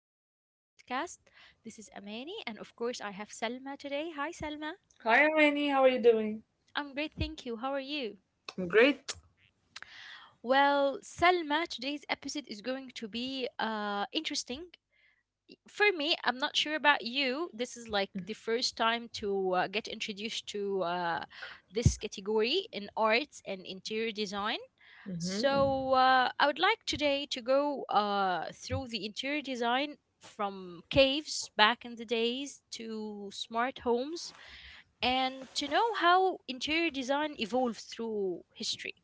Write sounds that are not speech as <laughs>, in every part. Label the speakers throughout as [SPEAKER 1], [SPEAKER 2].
[SPEAKER 1] episode of our podcast. This is Amani, and of course, I have Selma today. Hi, Selma.
[SPEAKER 2] Hi, Amani. How are you doing?
[SPEAKER 1] I'm great, thank you. How are you?
[SPEAKER 2] I'm great.
[SPEAKER 1] Well, Selma, today's episode is going to be interesting. For me, I'm not sure about you. This is like the first time to get introduced to this category in arts and interior design.
[SPEAKER 2] Mm-hmm.
[SPEAKER 1] So I would like today to go through the interior design from caves back in the days to smart homes and to know how interior design evolved through history,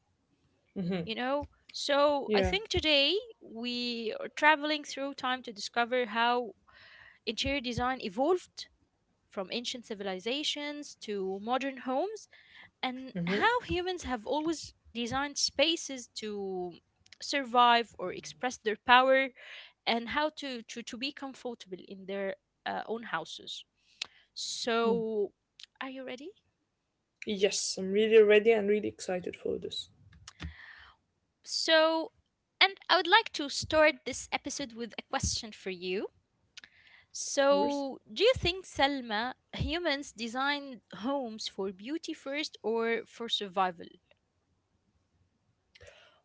[SPEAKER 2] Mm-hmm.
[SPEAKER 1] So I
[SPEAKER 2] Yeah.
[SPEAKER 1] think today we are traveling through time to discover how interior design evolved from ancient civilizations to modern homes and how
[SPEAKER 2] Mm-hmm.
[SPEAKER 1] humans have always designed spaces to survive or express their power, and how to be comfortable in their own houses.
[SPEAKER 2] Mm.
[SPEAKER 1] So are you ready?
[SPEAKER 2] Yes, I'm really ready and really excited for this,
[SPEAKER 1] So, and I would like to start this episode with a question for you.
[SPEAKER 2] of course.
[SPEAKER 1] So do you think, Selma, humans designed homes for beauty first or for survival?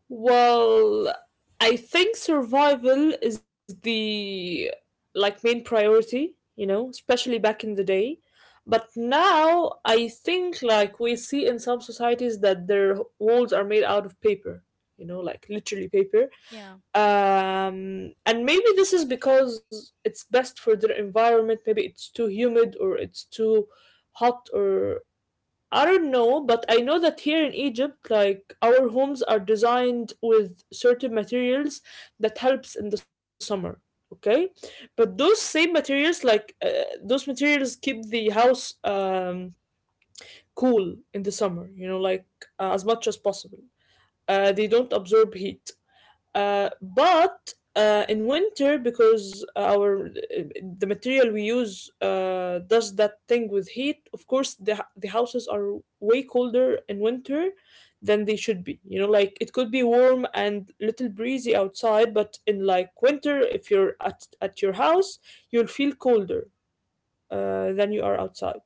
[SPEAKER 2] Well, I think survival is the like main priority, especially back in the day. But now I think like we see in some societies that their walls are made out of paper, like literally paper,
[SPEAKER 1] Yeah.
[SPEAKER 2] and maybe this is because it's best for their environment. Maybe it's too humid or it's too hot or I don't know. But I know that here in Egypt, like our homes are designed with certain materials that helps in the summer, okay, but those same materials like those materials keep the house cool in the summer, like as much as possible. They don't absorb heat. But in winter, because our the material we use does that thing with heat, of course the houses are way colder in winter than they should be. You know, like it could be warm and little breezy outside, but in like winter, if you're at your house, you'll feel colder than you are outside.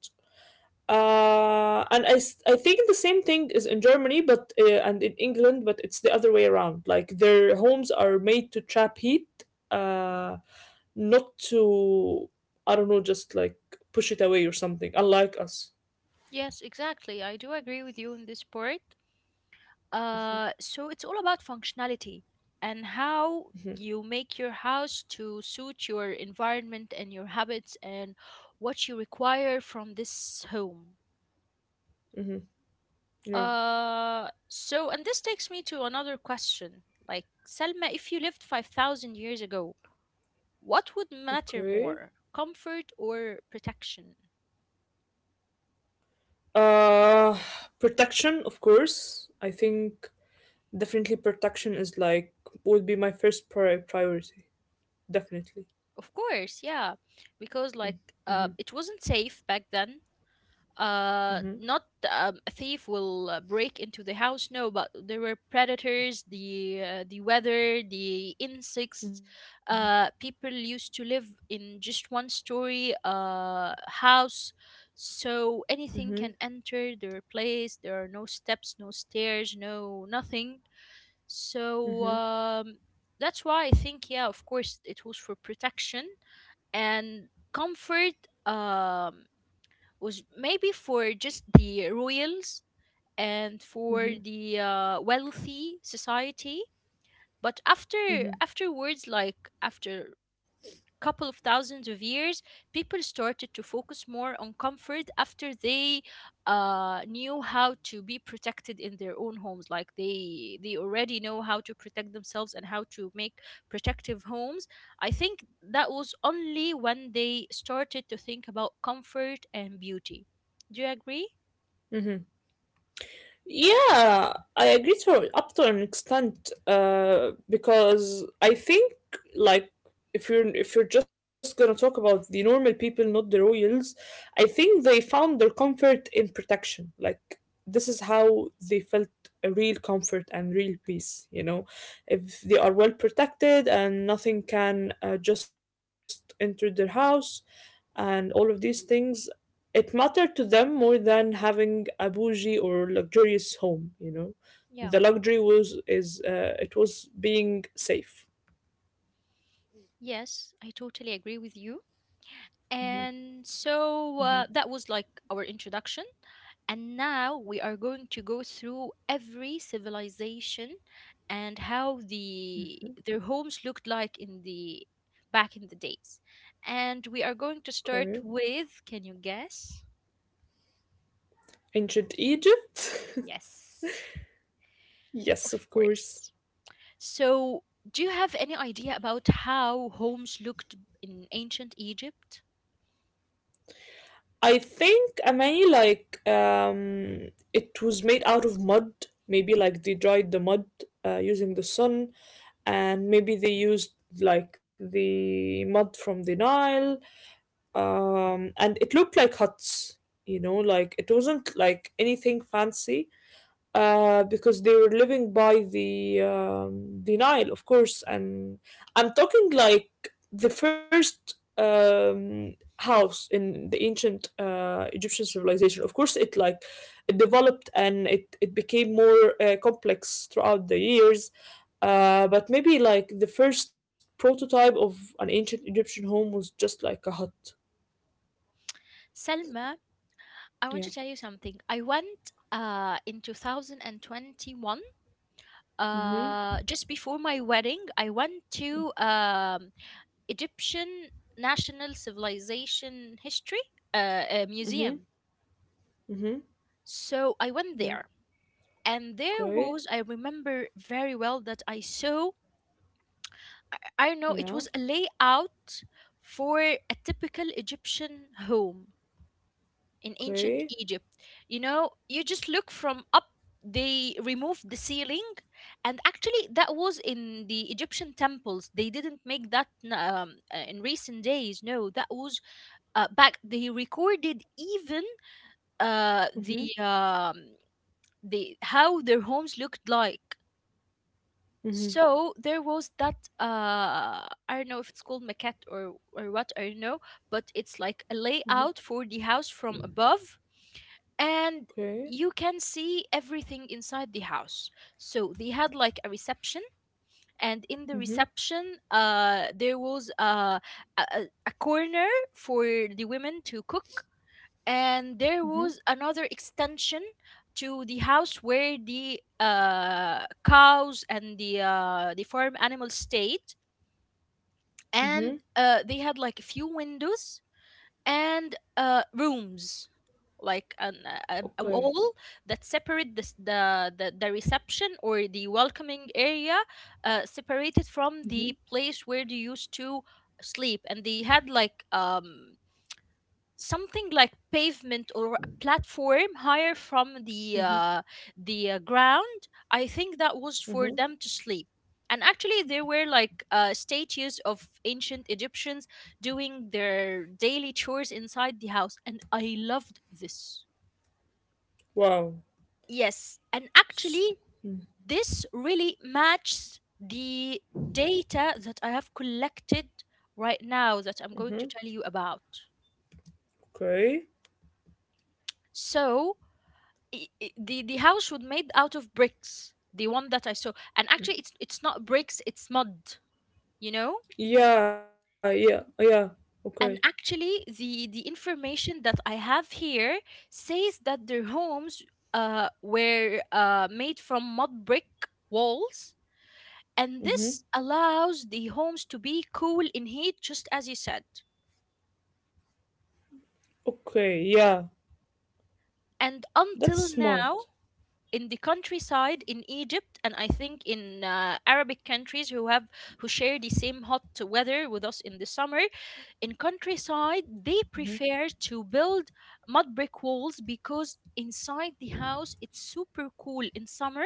[SPEAKER 2] And I think the same thing is in Germany, but and in England, but it's the other way around. Like their homes are made to trap heat, uh, not to, I don't know, just like push it away or something. Unlike us.
[SPEAKER 1] Yes, exactly. I do agree with you on this part.
[SPEAKER 2] Mhm,
[SPEAKER 1] So it's all about functionality, and how
[SPEAKER 2] mhm,
[SPEAKER 1] you make your house to suit your environment and your habits and what you require from this home.
[SPEAKER 2] mhm. Yeah.
[SPEAKER 1] So and this takes me to another question. Like, Selma, if you lived 5,000 years ago, what would matter
[SPEAKER 2] Okay.
[SPEAKER 1] more, comfort or protection?
[SPEAKER 2] Uh, Protection, of course. I think definitely protection is like would be my first priority. Definitely.
[SPEAKER 1] Of course, yeah, because like
[SPEAKER 2] Mm-hmm,
[SPEAKER 1] it wasn't safe back then,
[SPEAKER 2] mm-hmm,
[SPEAKER 1] not a thief will break into the house, no, but there were predators, the weather, the insects. People used to live in just one story house, so anything
[SPEAKER 2] mm-hmm,
[SPEAKER 1] can enter their place. There are no steps, no stairs, no nothing. So that's why I think, yeah, of course it was for protection. And comfort, was maybe for just the royals and for
[SPEAKER 2] mm-hmm,
[SPEAKER 1] the wealthy society. but after
[SPEAKER 2] mm-hmm.
[SPEAKER 1] afterwards like after couple of thousands of years, people started to focus more on comfort after they knew how to be protected in their own homes. Like, they already know how to protect themselves and how to make protective homes. I think that was only when they started to think about comfort and beauty. Do you agree?
[SPEAKER 2] Mm-hmm. Yeah, I agree to up to an extent, because I think like if you're just gonna talk about the normal people, not the royals, I think they found their comfort in protection. Like this is how they felt a real comfort and real peace. You know, if they are well protected and nothing can just enter their house, and all of these things, it mattered to them more than having a bougie or luxurious home.
[SPEAKER 1] Yeah.
[SPEAKER 2] The luxury was is it was being safe.
[SPEAKER 1] Yes, I totally agree with you. And so that was like our introduction. And now we are going to go through every civilization and how their homes looked like in the back in the days. And we are going to
[SPEAKER 2] Okay.
[SPEAKER 1] start with, can you guess?
[SPEAKER 2] Ancient Egypt? <laughs>
[SPEAKER 1] Yes.
[SPEAKER 2] Yes,
[SPEAKER 1] Of
[SPEAKER 2] of course.
[SPEAKER 1] course. So, do you have any idea about how homes looked in ancient Egypt?
[SPEAKER 2] I think I many like it was made out of mud. Maybe like they dried the mud using the sun, and maybe they used like the mud from the Nile and it looked like huts, like it wasn't like anything fancy, because they were living by the Nile, of course. And I'm talking like the first house in the ancient Egyptian civilization, of course. It developed and it became more complex throughout the years, but maybe like the first prototype of an ancient Egyptian home was just like a hut.
[SPEAKER 1] Selma, I want to tell
[SPEAKER 2] Yeah.
[SPEAKER 1] you something. I went in 2021,
[SPEAKER 2] Mhm.
[SPEAKER 1] just before my wedding. I went to Egyptian National Civilization History Museum.
[SPEAKER 2] Mhm. Mhm.
[SPEAKER 1] So I went there,
[SPEAKER 2] Yeah.
[SPEAKER 1] and there was, I
[SPEAKER 2] Okay.
[SPEAKER 1] remember very well that I saw, I don't know, it
[SPEAKER 2] Yeah.
[SPEAKER 1] was a layout for a typical Egyptian home in ancient
[SPEAKER 2] Okay.
[SPEAKER 1] Egypt. You know, you just look from up, they removed the ceiling, and actually, that was in the Egyptian temples. They didn't make that in recent days. No, that was back. They recorded even uh, the
[SPEAKER 2] Mhm.
[SPEAKER 1] um, the how their homes looked like.
[SPEAKER 2] Mhm.
[SPEAKER 1] So there was that, I don't know if it's called maquette or what, I don't know, but it's like a layout for the house from above, and you
[SPEAKER 2] Okay.
[SPEAKER 1] can see everything inside the house. So they had like a reception, and in the
[SPEAKER 2] Mhm.
[SPEAKER 1] reception, there was a a a corner for the women to cook, and there was another extension to the house where the cows and the farm animals stayed, and
[SPEAKER 2] Mhm.
[SPEAKER 1] they had like a few windows and rooms, like a wall
[SPEAKER 2] Okay.
[SPEAKER 1] that separate this, the reception or the welcoming area, separated from the place where they used to sleep. And they had like something like pavement or a platform higher from the
[SPEAKER 2] Mhm.
[SPEAKER 1] ground. I think that was for them to
[SPEAKER 2] Mhm.
[SPEAKER 1] sleep. And actually there were like statues of ancient Egyptians doing their daily chores inside the house, and I loved this.
[SPEAKER 2] Wow.
[SPEAKER 1] Yes, and actually,
[SPEAKER 2] S-
[SPEAKER 1] this really matches the data that I have collected right now that I'm going to tell you about.
[SPEAKER 2] Okay.
[SPEAKER 1] So the house was made out of bricks, the one that I saw, and actually, it's not bricks, it's mud, you know.
[SPEAKER 2] Yeah. Yeah. Yeah. Okay.
[SPEAKER 1] And actually, the information that I have here says that their homes were made from mud brick walls. And this
[SPEAKER 2] Mhm.
[SPEAKER 1] allows the homes to be cool in heat, just as you said.
[SPEAKER 2] Okay. Yeah.
[SPEAKER 1] And until
[SPEAKER 2] That's
[SPEAKER 1] now,
[SPEAKER 2] smart.
[SPEAKER 1] in the countryside in Egypt, and I think in Arabic countries who have who share the same hot weather with us in the summer, in countryside, they prefer to build mud brick walls because inside the house it's super cool in summer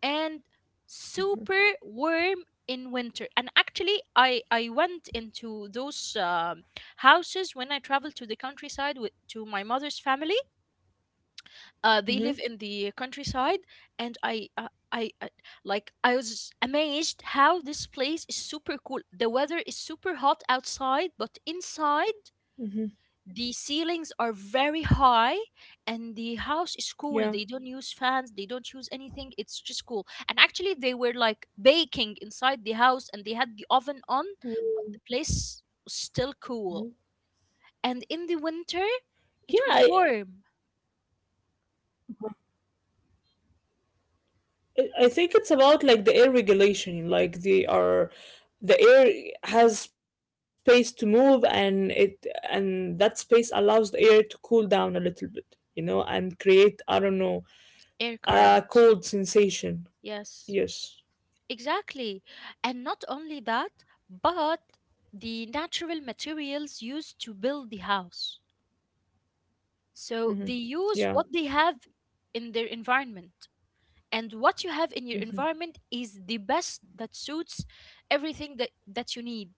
[SPEAKER 1] and super warm in winter. And actually, I went into those houses when I traveled to the countryside with to my mother's family. They live in
[SPEAKER 2] Mhm.
[SPEAKER 1] the countryside, and I, like, I was amazed how this place is super cool. The weather is super hot outside, but inside
[SPEAKER 2] Mhm.
[SPEAKER 1] the ceilings are very high and the house is cool. They don't
[SPEAKER 2] Yeah.
[SPEAKER 1] use fans, they don't use anything, it's just cool. And actually they were like baking inside the house and they had the oven on, but the place was still
[SPEAKER 2] Mhm.
[SPEAKER 1] cool. And in the winter it was
[SPEAKER 2] Yeah.
[SPEAKER 1] warm.
[SPEAKER 2] I think it's about like the air regulation, like the air has space to move and that space allows the air to cool down a little bit, and create, I don't know,
[SPEAKER 1] Air
[SPEAKER 2] a
[SPEAKER 1] current,
[SPEAKER 2] cold sensation.
[SPEAKER 1] yes,
[SPEAKER 2] Yes.
[SPEAKER 1] exactly. And not only that, but the natural materials used to build the house, so they
[SPEAKER 2] Yeah.
[SPEAKER 1] use what they have in their environment, and what you have in your environment is the best that suits everything that, that you need.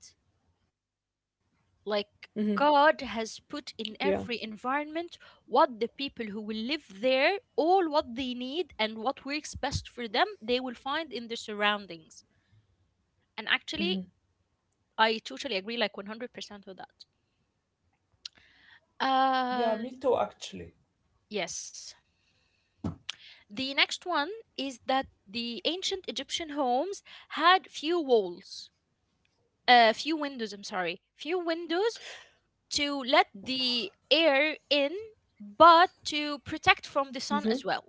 [SPEAKER 1] Like, God has
[SPEAKER 2] Yeah.
[SPEAKER 1] put in every environment what the people who will live there, all what they need and what works best for them, they will find in their surroundings. And actually I totally agree, like 100% with that.
[SPEAKER 2] Yeah, me too,
[SPEAKER 1] uh
[SPEAKER 2] actually.
[SPEAKER 1] yes, the next one is that the ancient Egyptian homes had few walls, few windows I'm sorry, few windows to let the air in, but to protect from the sun as well.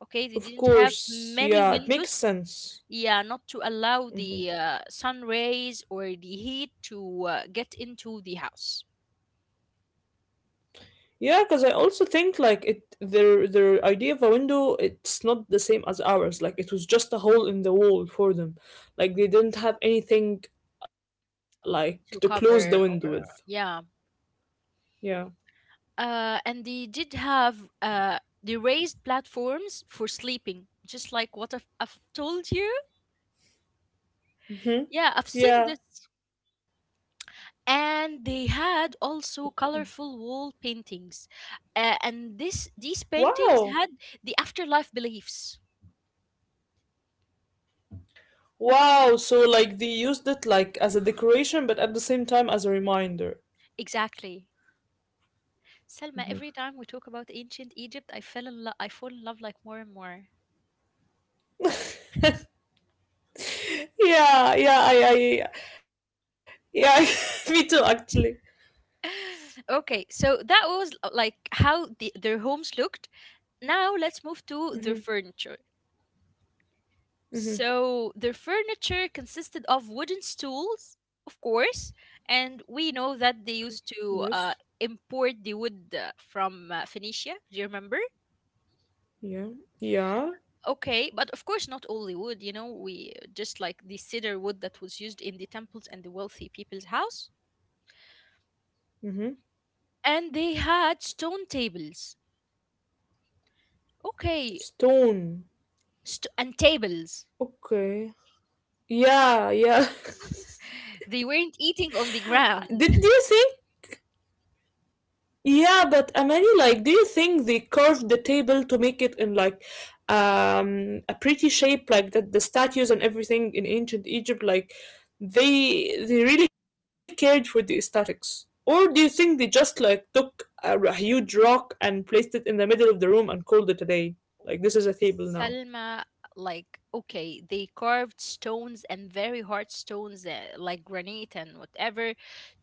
[SPEAKER 1] Okay, they
[SPEAKER 2] Of
[SPEAKER 1] didn't have
[SPEAKER 2] course.
[SPEAKER 1] many
[SPEAKER 2] Yeah, it makes
[SPEAKER 1] windows.
[SPEAKER 2] sense.
[SPEAKER 1] Yeah, not to allow the sun rays or the heat to get into the house.
[SPEAKER 2] Yeah, because I also think like it their idea of a window, it's not the same as ours. Like it was just a hole in the wall for them. Like they didn't have anything like to close the
[SPEAKER 1] To
[SPEAKER 2] window with.
[SPEAKER 1] cover or, yeah.
[SPEAKER 2] Yeah.
[SPEAKER 1] And they did have the raised platforms for sleeping, just like what I've told you.
[SPEAKER 2] Hmm.
[SPEAKER 1] Yeah, I've seen
[SPEAKER 2] Yeah.
[SPEAKER 1] this. And they had also colorful wall paintings, and this these paintings
[SPEAKER 2] Wow.
[SPEAKER 1] had the afterlife beliefs.
[SPEAKER 2] Wow. So like they used it like as a decoration but at the same time as a reminder.
[SPEAKER 1] Exactly. Selma, every time we talk about ancient Egypt, I fall in love, like, more and more.
[SPEAKER 2] Yeah, yeah, I yeah, <laughs> me too actually.
[SPEAKER 1] <sighs> <laughs> Okay, so that was, like, how their homes looked. Now let's move to their
[SPEAKER 2] Mm-hmm.
[SPEAKER 1] furniture.
[SPEAKER 2] Mm-hmm.
[SPEAKER 1] So their furniture consisted of wooden stools, of course, and we know that they used
[SPEAKER 2] Yes.
[SPEAKER 1] to import the wood from Phoenicia. Do you remember?
[SPEAKER 2] Yeah. Yeah.
[SPEAKER 1] Okay, but of course not only wood. You know, we just like the cedar wood that was used in the temples and the wealthy people's house,
[SPEAKER 2] Mm-hmm.
[SPEAKER 1] and they had stone tables. Okay,
[SPEAKER 2] Stone.
[SPEAKER 1] and tables.
[SPEAKER 2] Okay. Yeah, yeah.
[SPEAKER 1] They weren't eating
[SPEAKER 2] <laughs>
[SPEAKER 1] on
[SPEAKER 2] Did
[SPEAKER 1] the
[SPEAKER 2] do you
[SPEAKER 1] ground.
[SPEAKER 2] think? Yeah, but Amani, like, do you think they curved the table to make it in like a pretty shape, like that the statues and everything in ancient Egypt, like they really cared for the aesthetics, or do you think they just like took a huge rock and placed it in the middle of the room and called it a day? Like this is a table now.
[SPEAKER 1] Salma, like, okay, they carved stones and very hard stones, like granite and whatever,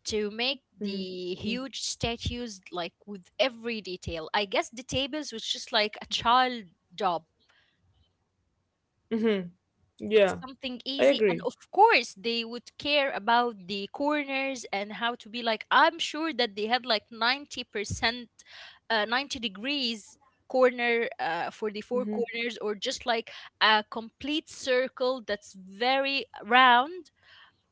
[SPEAKER 1] to make the huge statues, like, with every detail. I guess the tables was just like a child job,
[SPEAKER 2] Mm-hmm. Yeah,
[SPEAKER 1] something
[SPEAKER 2] I
[SPEAKER 1] easy. And
[SPEAKER 2] agree.
[SPEAKER 1] of course they would care about the corners and how to be, like, I'm sure that they had like 90%, 90 degrees corner for the four corners, or just like a complete circle that's very round.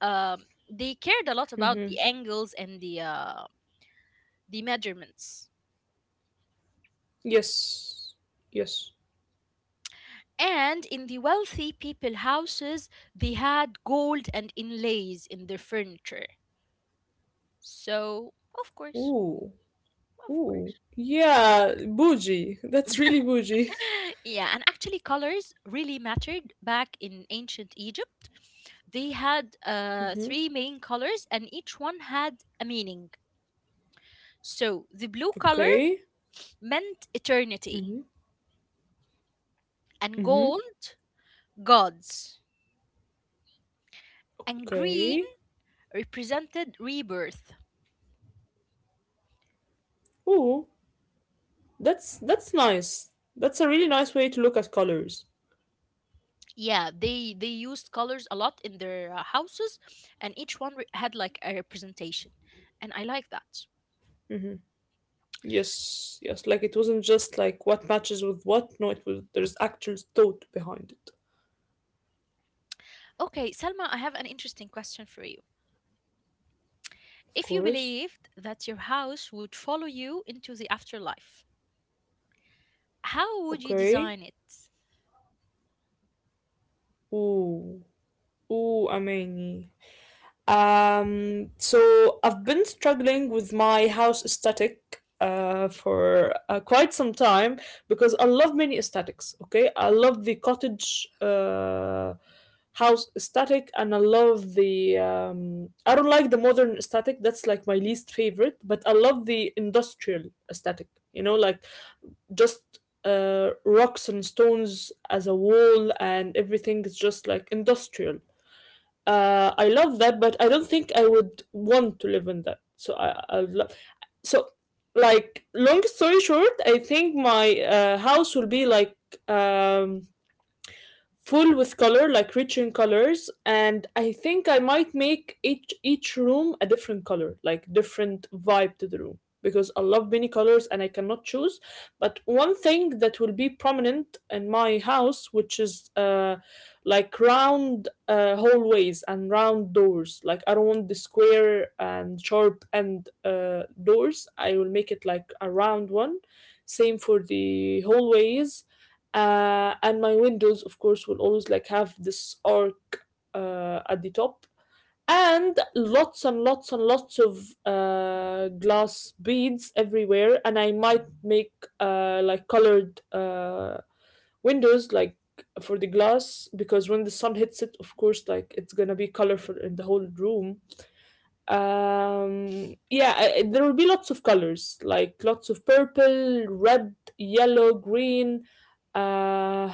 [SPEAKER 1] They cared a lot about
[SPEAKER 2] Mm-hmm.
[SPEAKER 1] the angles and the measurements.
[SPEAKER 2] Yes. Yes.
[SPEAKER 1] And in the wealthy people houses, they had gold and inlays in their furniture. So, of course.
[SPEAKER 2] Ooh.
[SPEAKER 1] Of
[SPEAKER 2] Ooh,
[SPEAKER 1] course.
[SPEAKER 2] yeah, bougie. That's really bougie. <laughs>
[SPEAKER 1] <laughs> Yeah, and actually, colors really mattered back in ancient Egypt. They had three main colors, and each one had a meaning. So the blue color
[SPEAKER 2] Okay.
[SPEAKER 1] meant eternity,
[SPEAKER 2] Mhm.
[SPEAKER 1] and
[SPEAKER 2] Mhm.
[SPEAKER 1] gold, gods, and green
[SPEAKER 2] Okay.
[SPEAKER 1] represented rebirth.
[SPEAKER 2] Ooh, that's nice. That's a really nice way to look at colors.
[SPEAKER 1] Yeah, they used colors a lot in their houses, and each one had like a representation, and I like that.
[SPEAKER 2] Yes, yes. Like it wasn't just like what matches with what. No, it was there's actual thought behind it.
[SPEAKER 1] Okay, Selma, I have an interesting question for you.
[SPEAKER 2] Of
[SPEAKER 1] If you
[SPEAKER 2] course.
[SPEAKER 1] believed that your house would follow you into the afterlife, how would you
[SPEAKER 2] Okay.
[SPEAKER 1] design it?
[SPEAKER 2] Ooh, ooh, Amani. So I've been struggling with my house aesthetic for quite some time because I love many aesthetics. Okay, I love the cottage house aesthetic, and I love the. I don't like the modern aesthetic. That's like my least favorite. But I love the industrial aesthetic. You know, like just rocks and stones as a wall, and everything is just like industrial. I love that, but I don't think I would want to live in that. So I love. So, like, long story short, I think my house will be like um full with color, like rich in colors, and I think I might make each room a different color, like different vibe to the room because I love many colors and I cannot choose. But one thing that will be prominent in my house, which is like round hallways and round doors. Like I don't want the square and sharp and doors. I will make it like a round one. Same for the hallways, and my windows of course will always like have this arc at the top, and lots and lots and lots of glass beads everywhere. And I might make like colored windows like for the glass, because when the sun hits it, of course like it's gonna be colorful in the whole room. Yeah, there will be lots of colors, like lots of purple, red, yellow, green. Uh,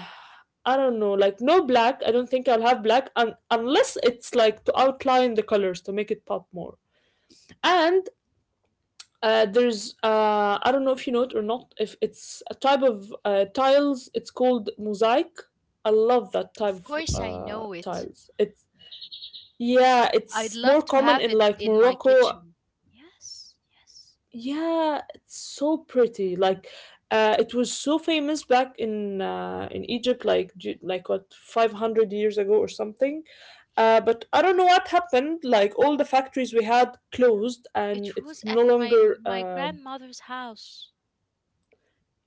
[SPEAKER 2] I don't know, like no black. I don't think I'll have black un unless it's like to outline the colors to make it pop more. And there's I don't know if you know it or not. If it's a type of tiles, it's called mosaic. I love that type
[SPEAKER 1] Of
[SPEAKER 2] of
[SPEAKER 1] course, I know it.
[SPEAKER 2] tiles. It's. Yeah,
[SPEAKER 1] I'd
[SPEAKER 2] it's more
[SPEAKER 1] love to
[SPEAKER 2] common
[SPEAKER 1] have
[SPEAKER 2] in
[SPEAKER 1] it
[SPEAKER 2] like
[SPEAKER 1] in my
[SPEAKER 2] Morocco.
[SPEAKER 1] kitchen. Yes, yes.
[SPEAKER 2] Yeah, it's so pretty. Like, it was so famous back in Egypt, like like what 500 years ago or something. But I don't know what happened. Like all the factories we had closed, and
[SPEAKER 1] It
[SPEAKER 2] it's
[SPEAKER 1] was
[SPEAKER 2] no
[SPEAKER 1] at
[SPEAKER 2] longer.
[SPEAKER 1] my grandmother's house,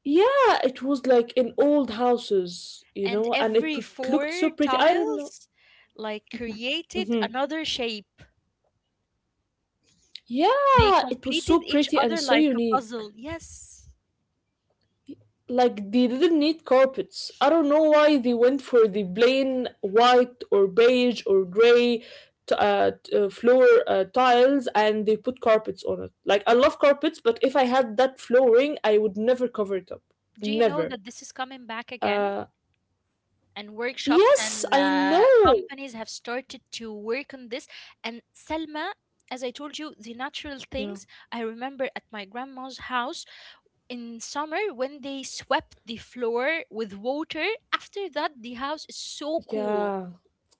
[SPEAKER 2] Yeah, it was like in old houses, you
[SPEAKER 1] and
[SPEAKER 2] know, and it
[SPEAKER 1] every
[SPEAKER 2] looked so
[SPEAKER 1] four
[SPEAKER 2] pretty. I don't know.
[SPEAKER 1] tiles like created
[SPEAKER 2] Hmm.
[SPEAKER 1] another shape. They
[SPEAKER 2] Yeah, it was so
[SPEAKER 1] completed each
[SPEAKER 2] pretty and
[SPEAKER 1] other
[SPEAKER 2] so
[SPEAKER 1] like a
[SPEAKER 2] unique.
[SPEAKER 1] puzzle. Yes.
[SPEAKER 2] Like they didn't need carpets. I don't know why they went for the plain white or beige or gray floor tiles, and they put carpets on it. Like I love carpets, but if I had that flooring, I would never cover it up.
[SPEAKER 1] Do you know
[SPEAKER 2] Never.
[SPEAKER 1] that this is coming back again?
[SPEAKER 2] Uh,
[SPEAKER 1] And workshops
[SPEAKER 2] yes,
[SPEAKER 1] and
[SPEAKER 2] I know.
[SPEAKER 1] companies have started to work on this. And Selma, as I told you, the natural
[SPEAKER 2] Yeah.
[SPEAKER 1] things, I remember at my grandma's house in summer when they swept the floor with water, after that the house is so cool.
[SPEAKER 2] Yeah.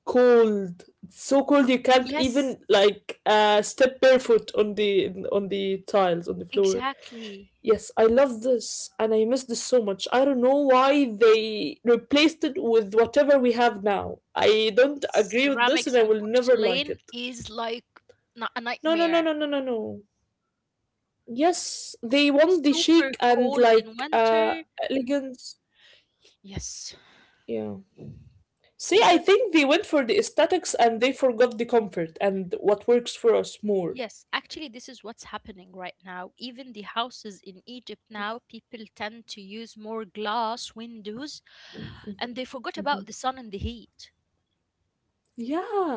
[SPEAKER 2] Cold. It's so cold you can't
[SPEAKER 1] Yes,
[SPEAKER 2] even like step barefoot on the tiles on the floor.
[SPEAKER 1] exactly.
[SPEAKER 2] Yes, I love this and I miss this so much. I don't know why they replaced it with whatever we have now. I don't agree with this and
[SPEAKER 1] Ceramics
[SPEAKER 2] I
[SPEAKER 1] and
[SPEAKER 2] will never like
[SPEAKER 1] porcelain
[SPEAKER 2] it.
[SPEAKER 1] is like a
[SPEAKER 2] No, no, no,
[SPEAKER 1] nightmare.
[SPEAKER 2] no, no, no, no. Yes, they want the
[SPEAKER 1] Super
[SPEAKER 2] chic and
[SPEAKER 1] cold in
[SPEAKER 2] like
[SPEAKER 1] winter.
[SPEAKER 2] elegance.
[SPEAKER 1] Yes.
[SPEAKER 2] Yeah. See, I
[SPEAKER 1] Super.
[SPEAKER 2] think they went for the aesthetics and they forgot the comfort and what works for us more.
[SPEAKER 1] Yes, actually, this is what's happening right now. Even the houses in Egypt now, people tend to use more glass windows, and they forgot about the sun and the heat.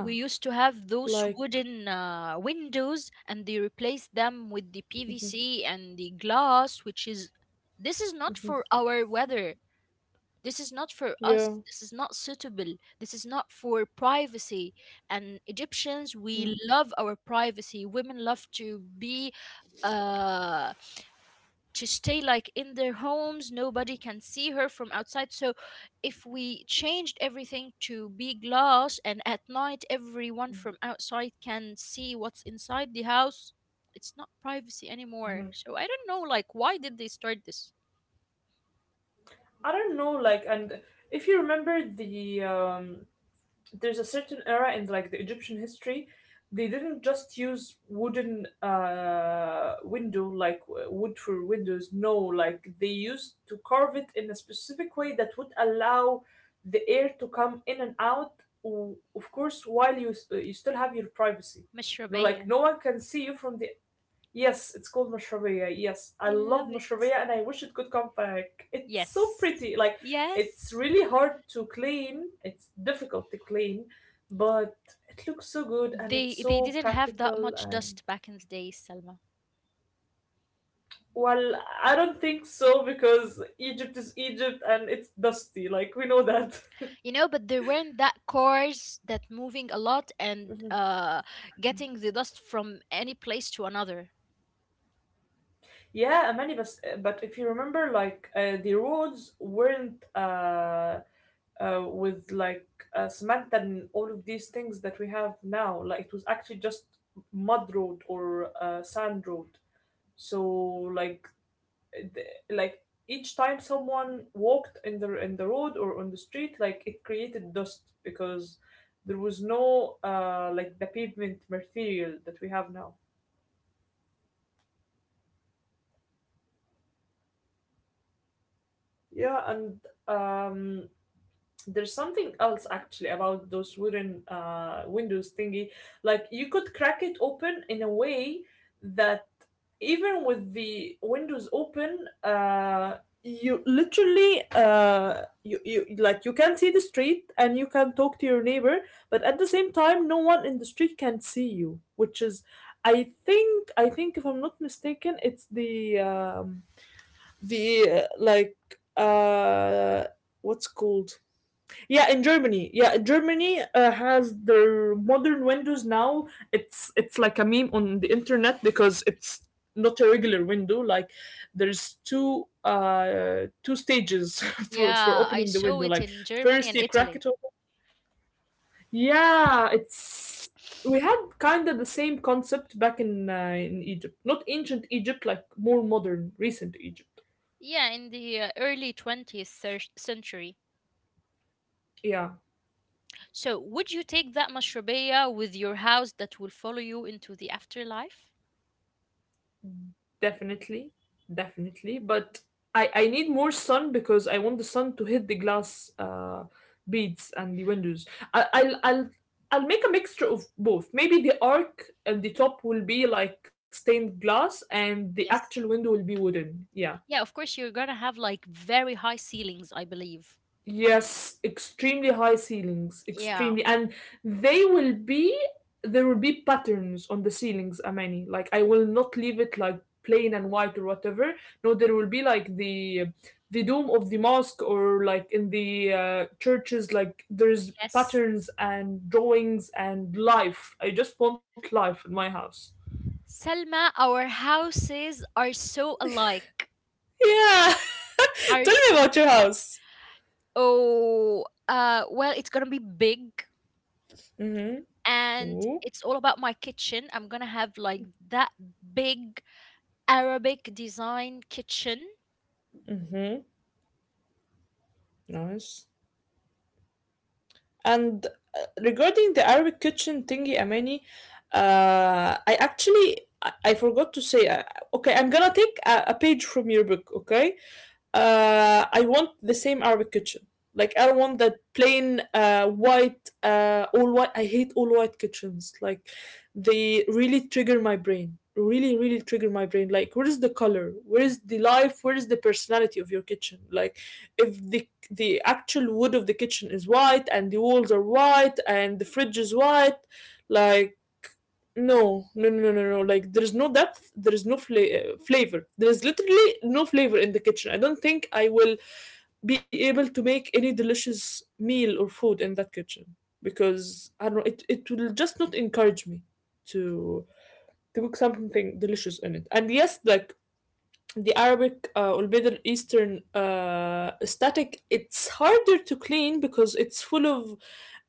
[SPEAKER 1] We used to have those
[SPEAKER 2] like
[SPEAKER 1] wooden windows, and they replaced them with the PVC and the glass, which is, this is not for our weather. This is not for
[SPEAKER 2] yeah.
[SPEAKER 1] us. This is not suitable. This is not for privacy. And Egyptians, we
[SPEAKER 2] Yeah.
[SPEAKER 1] love our privacy. Women love to be uh to stay like in their homes, nobody can see her from outside. So if we changed everything to be glass, and at night everyone from outside can see what's inside the house, it's not privacy anymore.
[SPEAKER 2] Mhm.
[SPEAKER 1] So I don't know, like, why did they start this?
[SPEAKER 2] I don't know, like, and if you remember the there's a certain era in like the Egyptian history. They didn't just use wooden window like wood for windows. No, like they used to carve it in a specific way that would allow the air to come in and out. Of course, while you still have your privacy. You know, like
[SPEAKER 1] مشربية.
[SPEAKER 2] no one can see you from the. Yes, it's called Mashrabia. Yes, I
[SPEAKER 1] I
[SPEAKER 2] love
[SPEAKER 1] love it.
[SPEAKER 2] Mashrabia and I wish it could come back. It's so
[SPEAKER 1] Yes.
[SPEAKER 2] pretty. Like, it's
[SPEAKER 1] Yes.
[SPEAKER 2] really hard to clean. It's difficult to clean, but it looks so good and it's
[SPEAKER 1] They
[SPEAKER 2] so
[SPEAKER 1] didn't have that
[SPEAKER 2] practical.
[SPEAKER 1] much
[SPEAKER 2] And
[SPEAKER 1] dust back in the day, Selma.
[SPEAKER 2] well, I don't think so because Egypt is Egypt and it's dusty. Like, we know that. <laughs>
[SPEAKER 1] You know, but there weren't that cars that moving a lot and getting the dust from any place to another.
[SPEAKER 2] Yeah, many, but if you remember, like, the roads weren't with like cement and all of these things that we have now. Like it was actually just mud road or sand road. So like the, like each time someone walked in the road or on the street, like it created dust because there was no like the pavement material that we have now. Yeah, and um, there's something else actually about those wooden windows thingy. Like you could crack it open in a way that even with the windows open, you literally you can see the street and you can talk to your neighbor, but at the same time, no one in the street can see you, which is. I think if I'm not mistaken, it's the like uh, what's called yeah, in Germany. Yeah, Germany has their modern windows now. It's like a meme on the internet because it's not a regular window. Like there's two stages <laughs> for
[SPEAKER 1] Yeah, I
[SPEAKER 2] opening the
[SPEAKER 1] saw
[SPEAKER 2] window.
[SPEAKER 1] it
[SPEAKER 2] Like
[SPEAKER 1] in Germany
[SPEAKER 2] first
[SPEAKER 1] and
[SPEAKER 2] you crack
[SPEAKER 1] Italy.
[SPEAKER 2] it open. Yeah, it's We had kind of the same concept back in in Egypt. Not ancient Egypt, like more modern, recent Egypt.
[SPEAKER 1] Yeah, in the early 20th century.
[SPEAKER 2] Yeah.
[SPEAKER 1] So, would you take that mashrubiyah with your house that will follow you into the afterlife?
[SPEAKER 2] Definitely, definitely. But I need more sun because I want the sun to hit the glass beads and the windows. I, I'll make a mixture of both. Maybe the arc at the top will be like stained glass, and the
[SPEAKER 1] Yes.
[SPEAKER 2] actual window will be wooden. Yeah.
[SPEAKER 1] Yeah, of course you're going to have like very high ceilings, I believe.
[SPEAKER 2] Yes, extremely high ceilings,
[SPEAKER 1] Yeah.
[SPEAKER 2] extremely, and they will be there will be patterns on the ceilings, Amani. Like I will not leave it like plain and white or whatever. No, there will be like the dome of the mosque or like in the churches, like there's
[SPEAKER 1] Yes.
[SPEAKER 2] patterns and drawings and life. I just want life in my house.
[SPEAKER 1] Selma, our houses are so alike.
[SPEAKER 2] Yeah,
[SPEAKER 1] Are
[SPEAKER 2] <laughs> tell me about your house.
[SPEAKER 1] so well, it's gonna be big,
[SPEAKER 2] Mm-hmm.
[SPEAKER 1] and
[SPEAKER 2] Ooh.
[SPEAKER 1] it's all about my kitchen. I'm gonna have like that big Arabic design kitchen.
[SPEAKER 2] Mm-hmm. Nice. And regarding the Arabic kitchen thingy, Amani, I forgot to say. Okay, I'm gonna take a page from your book. Okay, I want the same Arabic kitchen. Like I don't want that plain white, all white. I hate all white kitchens. Like they really trigger my brain. Really, really trigger my brain. Like where is the color? Where is the life? Where is the personality of your kitchen? Like if the actual wood of the kitchen is white and the walls are white and the fridge is white, like no, no, no, no, no, no. Like there is no depth, there is no flavor. There is literally no flavor in the kitchen. I don't think I will be able to make any delicious meal or food in that kitchen because I don't know. It will just not encourage me to to cook something delicious in it. And yes, like the Arabic or Middle Eastern static, it's harder to clean because it's full of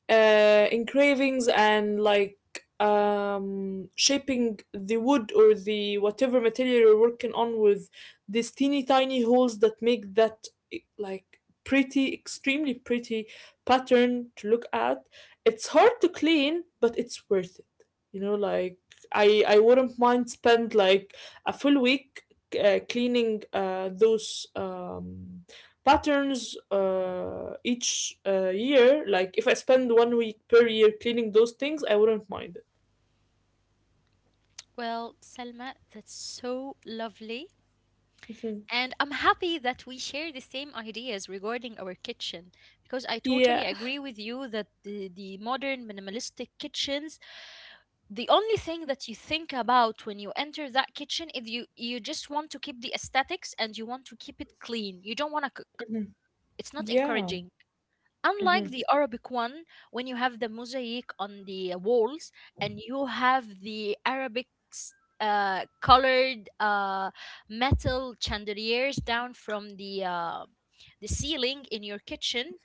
[SPEAKER 2] engravings and like shaping the wood or the whatever material you're working on with these teeny tiny holes that make that like pretty, extremely pretty pattern to look at. It's hard to clean, but it's worth it. You know, like I wouldn't mind spend like a full week cleaning those patterns each year. Like if I spend one week per year cleaning those things, I wouldn't mind it.
[SPEAKER 1] Well, Selma, that's so lovely.
[SPEAKER 2] Mhm. <laughs>
[SPEAKER 1] And I'm happy that we share the same ideas regarding our kitchen, because I totally
[SPEAKER 2] Yeah.
[SPEAKER 1] agree with you that the modern minimalistic kitchens, the only thing that you think about when you enter that kitchen is you just want to keep the aesthetics and you want to keep it clean, you don't want to cook. It's not
[SPEAKER 2] Yeah.
[SPEAKER 1] encouraging. Unlike
[SPEAKER 2] Mm-hmm.
[SPEAKER 1] the Arabic one, when you have the mosaic on the walls, and you have the Arabic colored metal chandeliers down from the ceiling in your kitchen,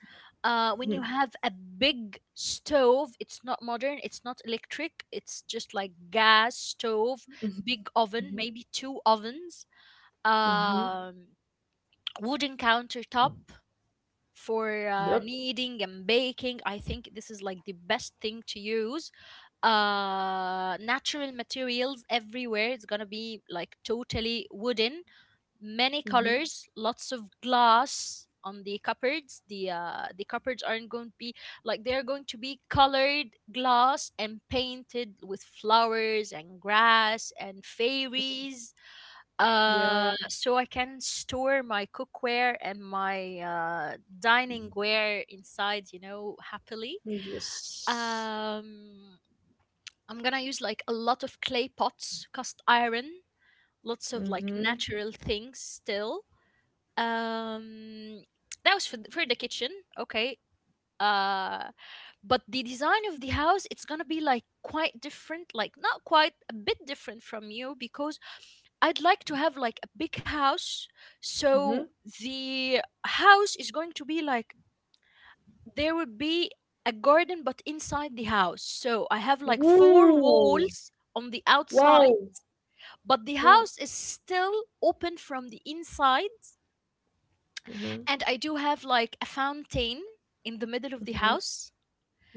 [SPEAKER 1] when you have a big stove, it's not modern, it's not electric, it's just like gas stove, big oven,
[SPEAKER 2] Mm-hmm.
[SPEAKER 1] maybe two ovens,
[SPEAKER 2] Mm-hmm.
[SPEAKER 1] um, wooden countertop for
[SPEAKER 2] Yep.
[SPEAKER 1] kneading and baking. I think this is like the best thing to use. Natural materials everywhere. It's gonna be like totally wooden. Many
[SPEAKER 2] Mm-hmm.
[SPEAKER 1] colors, lots of glass on the cupboards. The cupboards aren't going to be like, they're going to be colored glass and painted with flowers and grass and fairies,
[SPEAKER 2] Yeah.
[SPEAKER 1] so I can store my cookware and my dining ware inside, you know, happily.
[SPEAKER 2] Yes.
[SPEAKER 1] Um, I'm gonna use like a lot of clay pots, cast iron, lots of like
[SPEAKER 2] Mm-hmm.
[SPEAKER 1] natural things still. Um, that was for the kitchen. Okay. Uh, but the design of the house, it's gonna be like quite different, like not quite a bit different from you, because I'd like to have like a big house. So
[SPEAKER 2] Mm-hmm.
[SPEAKER 1] the house is going to be like, there will be a garden but inside the house. So I have like four
[SPEAKER 2] Woo!
[SPEAKER 1] walls on the outside,
[SPEAKER 2] Wow.
[SPEAKER 1] but the
[SPEAKER 2] Yeah.
[SPEAKER 1] house is still open from the inside.
[SPEAKER 2] Mm-hmm.
[SPEAKER 1] And I do have like a fountain in the middle of the house,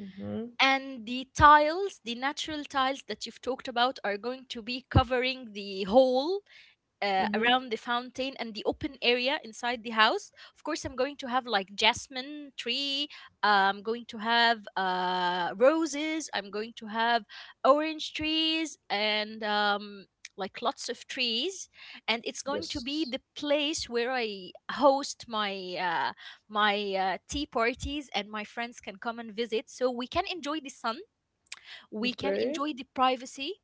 [SPEAKER 2] Mm-hmm.
[SPEAKER 1] and the tiles, the natural tiles that you've talked about, are going to be covering the whole
[SPEAKER 2] Mm-hmm.
[SPEAKER 1] around the fountain and the open area inside the house. Of course, I'm going to have like jasmine tree, I'm going to have roses, I'm going to have orange trees, and like lots of trees. And it's going to be
[SPEAKER 2] Yes.
[SPEAKER 1] the place where I host my uh, tea parties, and my friends can come and visit, so we can enjoy the sun, we can
[SPEAKER 2] Okay.
[SPEAKER 1] enjoy the privacy.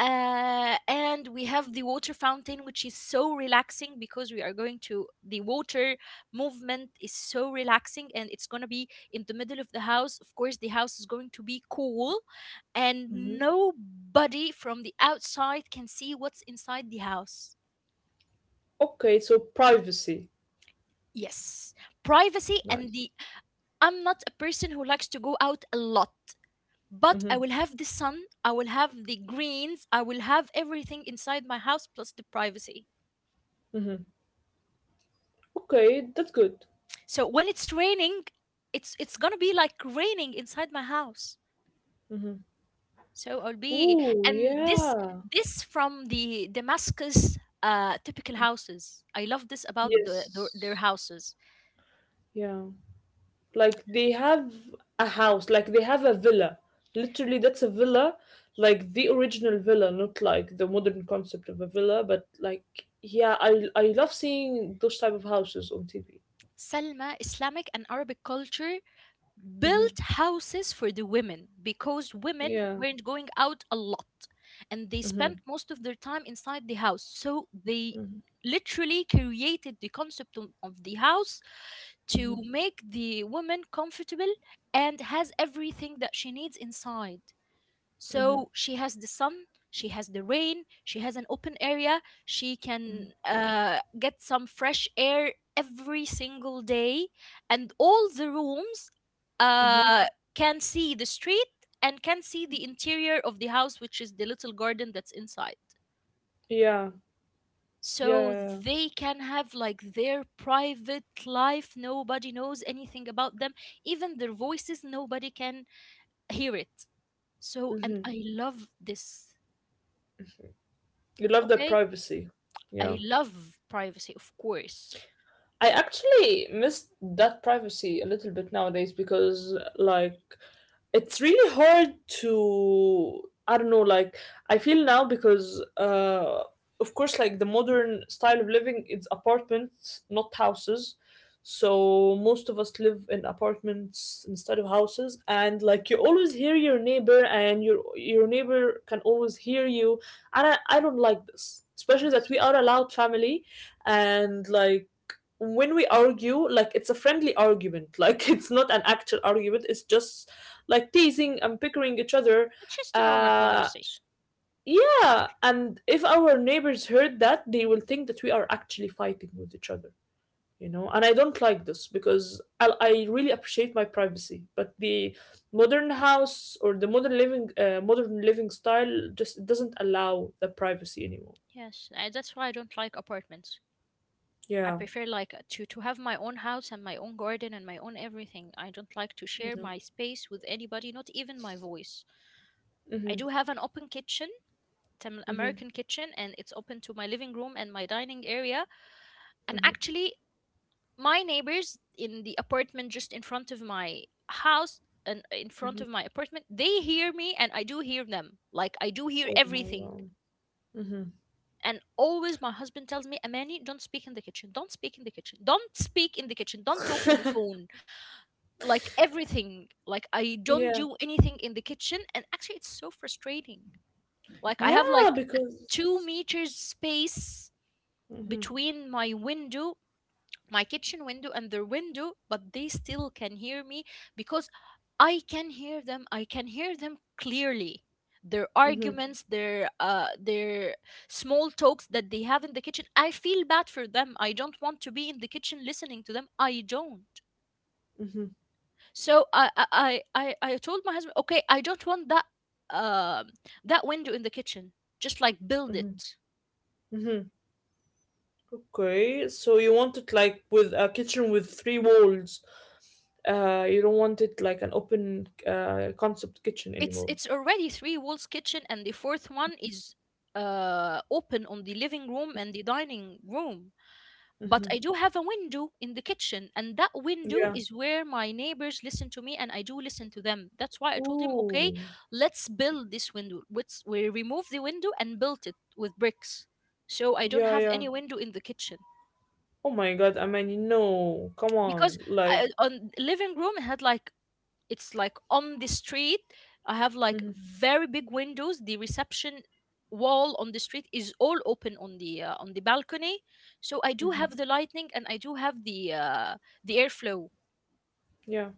[SPEAKER 1] And we have the water fountain, which is so relaxing, because we are going to the water, movement is so relaxing. And it's going to be in the middle of the house. Of course, the house is going to be cool, and
[SPEAKER 2] Mm-hmm.
[SPEAKER 1] nobody from the outside can see what's inside the house.
[SPEAKER 2] Okay, so privacy.
[SPEAKER 1] Yes, privacy. and
[SPEAKER 2] Nice.
[SPEAKER 1] the I'm not a person who likes to go out a lot, but
[SPEAKER 2] Mm-hmm.
[SPEAKER 1] I will have the sun, I will have the greens, I will have everything inside my house, plus the privacy.
[SPEAKER 2] Mm-hmm. Okay, that's good.
[SPEAKER 1] So when it's raining, it's gonna be like raining inside my house.
[SPEAKER 2] Hmm.
[SPEAKER 1] So I'll be,
[SPEAKER 2] Oh
[SPEAKER 1] and this
[SPEAKER 2] yeah.
[SPEAKER 1] this from the Damascus typical houses. I love this about the their
[SPEAKER 2] Yes.
[SPEAKER 1] houses.
[SPEAKER 2] Yeah. Like they have a house, like they have a villa. Literally, that's a villa, like the original villa, not like the modern concept of a villa, but like yeah, I love seeing those type of houses on TV.
[SPEAKER 1] Salma, Islamic and Arabic culture
[SPEAKER 2] Hmm.
[SPEAKER 1] built houses for the women, because women
[SPEAKER 2] Yeah.
[SPEAKER 1] weren't going out a lot, and they
[SPEAKER 2] Hmm.
[SPEAKER 1] spent most of their time inside the house, so they
[SPEAKER 2] Hmm.
[SPEAKER 1] literally created the concept of the house to make the woman comfortable and has everything that she needs inside.
[SPEAKER 2] Hmm.
[SPEAKER 1] So she has the sun, she has the rain, she has an open area, she can get some fresh air every single day, and all the rooms
[SPEAKER 2] Hmm.
[SPEAKER 1] uh, can see the street and can see the interior of the house, which is the little garden that's inside.
[SPEAKER 2] Yeah. Yeah.
[SPEAKER 1] So
[SPEAKER 2] Yeah.
[SPEAKER 1] they can have like their private life. Nobody knows anything about them. Even their voices, nobody can hear it. So,
[SPEAKER 2] Yeah.
[SPEAKER 1] and
[SPEAKER 2] Hmm.
[SPEAKER 1] I love this.
[SPEAKER 2] You love the
[SPEAKER 1] Okay.
[SPEAKER 2] privacy. Yeah.
[SPEAKER 1] I love privacy, of course.
[SPEAKER 2] I actually miss that privacy a little bit nowadays because like it's really hard to I don't know like I feel now because of course like the modern style of living is apartments not houses, so most of us live in apartments instead of houses, and like you always hear your neighbor and your neighbor can always hear you. And I don't like this, especially that
[SPEAKER 1] Yes.
[SPEAKER 2] we are a loud family. And like when we argue, like it's a friendly argument, like <laughs> it's not an actual argument. It's just like teasing and pickering each other.
[SPEAKER 1] It's just a normal
[SPEAKER 2] Uh,
[SPEAKER 1] conversation.
[SPEAKER 2] yeah, and if our neighbors heard that, they will think that we are actually fighting with each other, you know. And I don't like this because I really appreciate my privacy, but the modern house or the modern living style just doesn't allow the privacy anymore.
[SPEAKER 1] Yes, that's why I don't like apartments. I
[SPEAKER 2] Yeah.
[SPEAKER 1] prefer like to have my own house and my own garden and my own everything. I don't like to
[SPEAKER 2] You
[SPEAKER 1] share
[SPEAKER 2] know.
[SPEAKER 1] my space with anybody, not even my voice. I
[SPEAKER 2] Mhm.
[SPEAKER 1] do have an open kitchen, it's an
[SPEAKER 2] Mhm.
[SPEAKER 1] American kitchen, and it's open to my living room and my dining area. And
[SPEAKER 2] Mhm.
[SPEAKER 1] actually, my neighbors in the apartment just in front of my house, and in front
[SPEAKER 2] Mhm.
[SPEAKER 1] of my apartment, they hear me, and I do hear them, like I do hear
[SPEAKER 2] Oh my
[SPEAKER 1] everything.
[SPEAKER 2] god. Mm-hmm.
[SPEAKER 1] And always my husband tells me, Amani, don't speak in the kitchen, don't speak in the kitchen, don't speak in the kitchen, don't talk in the
[SPEAKER 2] <laughs>
[SPEAKER 1] phone. Like everything, like I don't
[SPEAKER 2] Yeah.
[SPEAKER 1] do anything in the kitchen, and actually it's so frustrating. Like I have
[SPEAKER 2] Yeah,
[SPEAKER 1] like a
[SPEAKER 2] because.
[SPEAKER 1] 2 meter space
[SPEAKER 2] Mm-hmm.
[SPEAKER 1] between my window, my kitchen window and their window, but they still can hear me, because I can hear them. I can hear them clearly. Their
[SPEAKER 2] Mm-hmm.
[SPEAKER 1] arguments, their small talks that they have in the kitchen. I feel bad for them. I don't want to be in the kitchen listening to them. I don't.
[SPEAKER 2] Mm-hmm.
[SPEAKER 1] So I told my husband, okay, I don't want that um that window in the kitchen. Just like build
[SPEAKER 2] Mm-hmm.
[SPEAKER 1] it.
[SPEAKER 2] Mm-hmm. Okay, so you want it like with a kitchen with three walls. You don't want it like an open concept kitchen
[SPEAKER 1] it's
[SPEAKER 2] anymore.
[SPEAKER 1] it's already three walls kitchen, and the fourth one is open on the living room and the dining room. But
[SPEAKER 2] Mm-hmm.
[SPEAKER 1] I do have a window in the kitchen, and that window
[SPEAKER 2] Yeah.
[SPEAKER 1] is where my neighbors listen to me and I do listen to them. That's why I told him, okay,
[SPEAKER 2] Ooh.
[SPEAKER 1] let's build this window, let's we remove the window and built it with bricks, so I don't
[SPEAKER 2] Yeah,
[SPEAKER 1] have
[SPEAKER 2] yeah.
[SPEAKER 1] any window in the kitchen.
[SPEAKER 2] Oh my God, I mean, no, come
[SPEAKER 1] Because
[SPEAKER 2] on, like.
[SPEAKER 1] I, on living room it had like, it's like on the street, I have like
[SPEAKER 2] Mm-hmm.
[SPEAKER 1] very big windows, the reception wall on the street is all open on the balcony. So I do have the lightning, and I do have the airflow,
[SPEAKER 2] Yeah.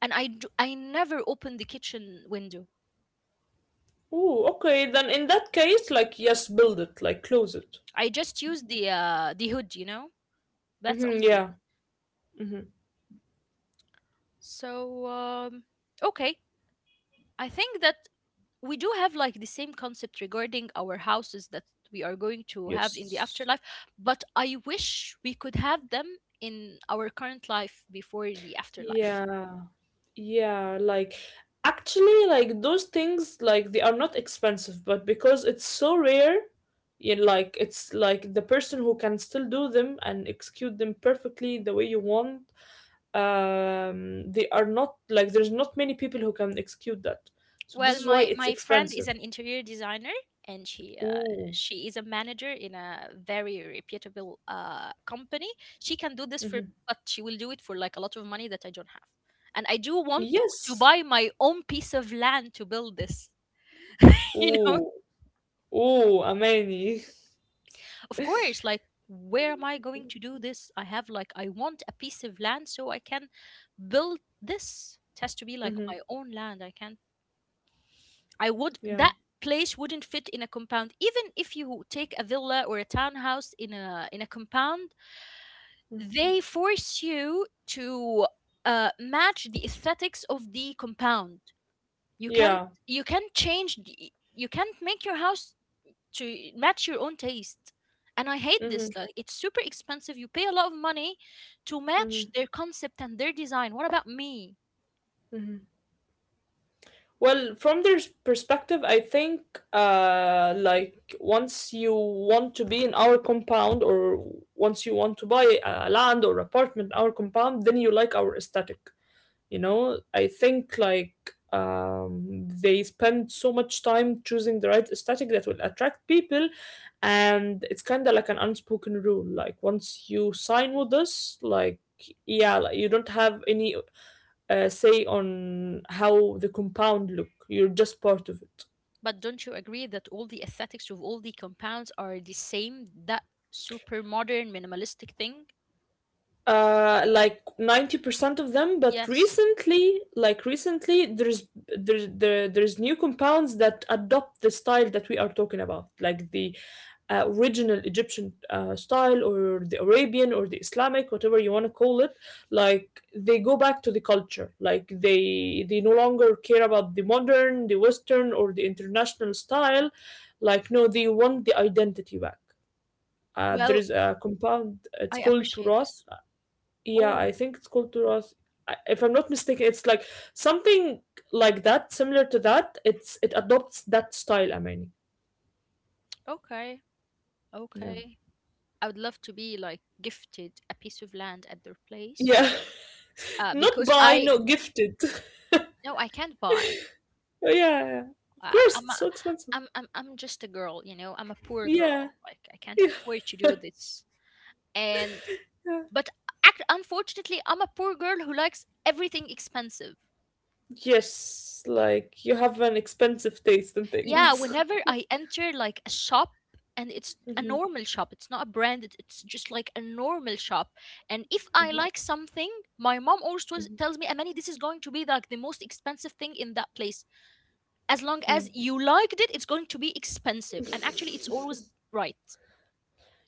[SPEAKER 1] and I never open the kitchen window.
[SPEAKER 2] Ooh. Okay, then in that case, like, yes, build it, like, close it.
[SPEAKER 1] I just use the hood, you know, that's
[SPEAKER 2] Mm-hmm.
[SPEAKER 1] only.
[SPEAKER 2] Yeah. Mm-hmm.
[SPEAKER 1] So okay, I think that we do have like the same concept regarding our houses that we are going to have in the
[SPEAKER 2] Yes.
[SPEAKER 1] afterlife, but I wish we could have them in our current life before the afterlife.
[SPEAKER 2] Yeah. Yeah, like actually, like those things, like they are not expensive, but because it's so rare, yeah, like it's like the person who can still do them and execute them perfectly the way you want. They are not like there's not many people who can execute that, so this
[SPEAKER 1] Well,
[SPEAKER 2] is why
[SPEAKER 1] my
[SPEAKER 2] it's
[SPEAKER 1] my friend is
[SPEAKER 2] expensive.
[SPEAKER 1] an interior designer, and
[SPEAKER 2] Ooh,
[SPEAKER 1] she is a manager in a very reputable company. She can do this for
[SPEAKER 2] mm-hmm.
[SPEAKER 1] me, but she will do it for like a lot of money that I don't have. And I do want to
[SPEAKER 2] Yes.
[SPEAKER 1] buy my own piece of land to build this. <laughs> You know,
[SPEAKER 2] Ooh, ooh, amazing. <laughs>
[SPEAKER 1] of course, like where am I going to do this? I have like, I want a piece of land so I can build this. It has to be like
[SPEAKER 2] Mm-hmm.
[SPEAKER 1] my own land. I can't, I would
[SPEAKER 2] Yeah,
[SPEAKER 1] that place wouldn't fit in a compound. Even if you take a villa or a townhouse in a compound, they force you to match the aesthetics of the compound. You can't,
[SPEAKER 2] yeah.
[SPEAKER 1] you can't change the, you can't make your house to match your own taste. And I hate
[SPEAKER 2] Mm-hmm.
[SPEAKER 1] this. Like it's super expensive. You pay a lot of money to
[SPEAKER 2] Mm-hmm.
[SPEAKER 1] match their concept and their design. What about me?
[SPEAKER 2] Mm-hmm. Well, from their perspective, I think like once you want to be in our compound or once you want to buy a land or apartment in our compound, then you like our aesthetic. You know, I think like they spend so much time choosing the right aesthetic that will attract people, and it's kind of like an unspoken rule. Like once you sign with us, like yeah, like you don't have any say on how the compound look. You're just part of it.
[SPEAKER 1] But don't you agree that all the aesthetics of all the compounds are the same? That super modern minimalistic thing?
[SPEAKER 2] Like 90% of them, but
[SPEAKER 1] Yes.
[SPEAKER 2] recently, like recently, there's new compounds that adopt the style that we are talking about, like the original Egyptian style or the Arabian or the Islamic, whatever you want to call it. Like they go back to the culture. Like they no longer care about the modern, the western, or the international style. Like no, they want the identity back. There
[SPEAKER 1] Well,
[SPEAKER 2] is a compound, it's
[SPEAKER 1] I
[SPEAKER 2] called
[SPEAKER 1] appreciate this.
[SPEAKER 2] Turoth. Yeah,
[SPEAKER 1] Oh,
[SPEAKER 2] I think it's called Duras. I- If I'm not mistaken, it's like something like that, similar to that. It's it adopts that style, I mean.
[SPEAKER 1] okay.
[SPEAKER 2] Yeah.
[SPEAKER 1] Okay. I would love to be like gifted a piece of land at their place.
[SPEAKER 2] Yeah. <laughs> Not
[SPEAKER 1] Because
[SPEAKER 2] buy,
[SPEAKER 1] I
[SPEAKER 2] not gifted. <laughs>
[SPEAKER 1] no, I can't buy.
[SPEAKER 2] Oh, yeah, yeah. Of course,
[SPEAKER 1] I'm
[SPEAKER 2] it's
[SPEAKER 1] a,
[SPEAKER 2] so expensive.
[SPEAKER 1] I'm just a girl, you know. I'm a poor
[SPEAKER 2] Yeah.
[SPEAKER 1] girl. Like I can't
[SPEAKER 2] Yeah.
[SPEAKER 1] afford to
[SPEAKER 2] <laughs>
[SPEAKER 1] do this. And
[SPEAKER 2] Yeah.
[SPEAKER 1] but unfortunately, I'm a poor girl who likes everything expensive.
[SPEAKER 2] Yes, like you have an expensive taste in
[SPEAKER 1] Yeah,
[SPEAKER 2] things.
[SPEAKER 1] whenever I enter like a shop, and it's
[SPEAKER 2] <laughs>
[SPEAKER 1] a
[SPEAKER 2] Mhm,
[SPEAKER 1] normal shop, it's not a branded, it's just like a normal shop, and if I like something, my mom always tells me, Amani, this is going to be like the most expensive thing in that place. As long as
[SPEAKER 2] mhm.
[SPEAKER 1] you liked it, it's going to be expensive, and actually it's always right.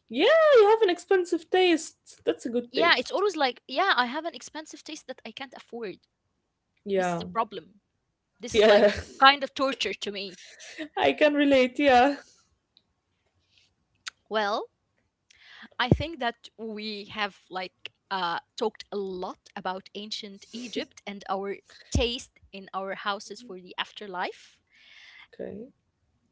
[SPEAKER 2] Yeah, you have an expensive taste. That's a good
[SPEAKER 1] Yeah, it's
[SPEAKER 2] taste.
[SPEAKER 1] always like, yeah, I have an expensive taste that I can't afford. This is the
[SPEAKER 2] Yeah.
[SPEAKER 1] problem. This is like
[SPEAKER 2] Yeah.
[SPEAKER 1] kind of torture to me.
[SPEAKER 2] <laughs> I can relate, yeah.
[SPEAKER 1] Well, I think that we have like talked a lot about ancient Egypt and our taste in our houses for the afterlife.
[SPEAKER 2] Okay.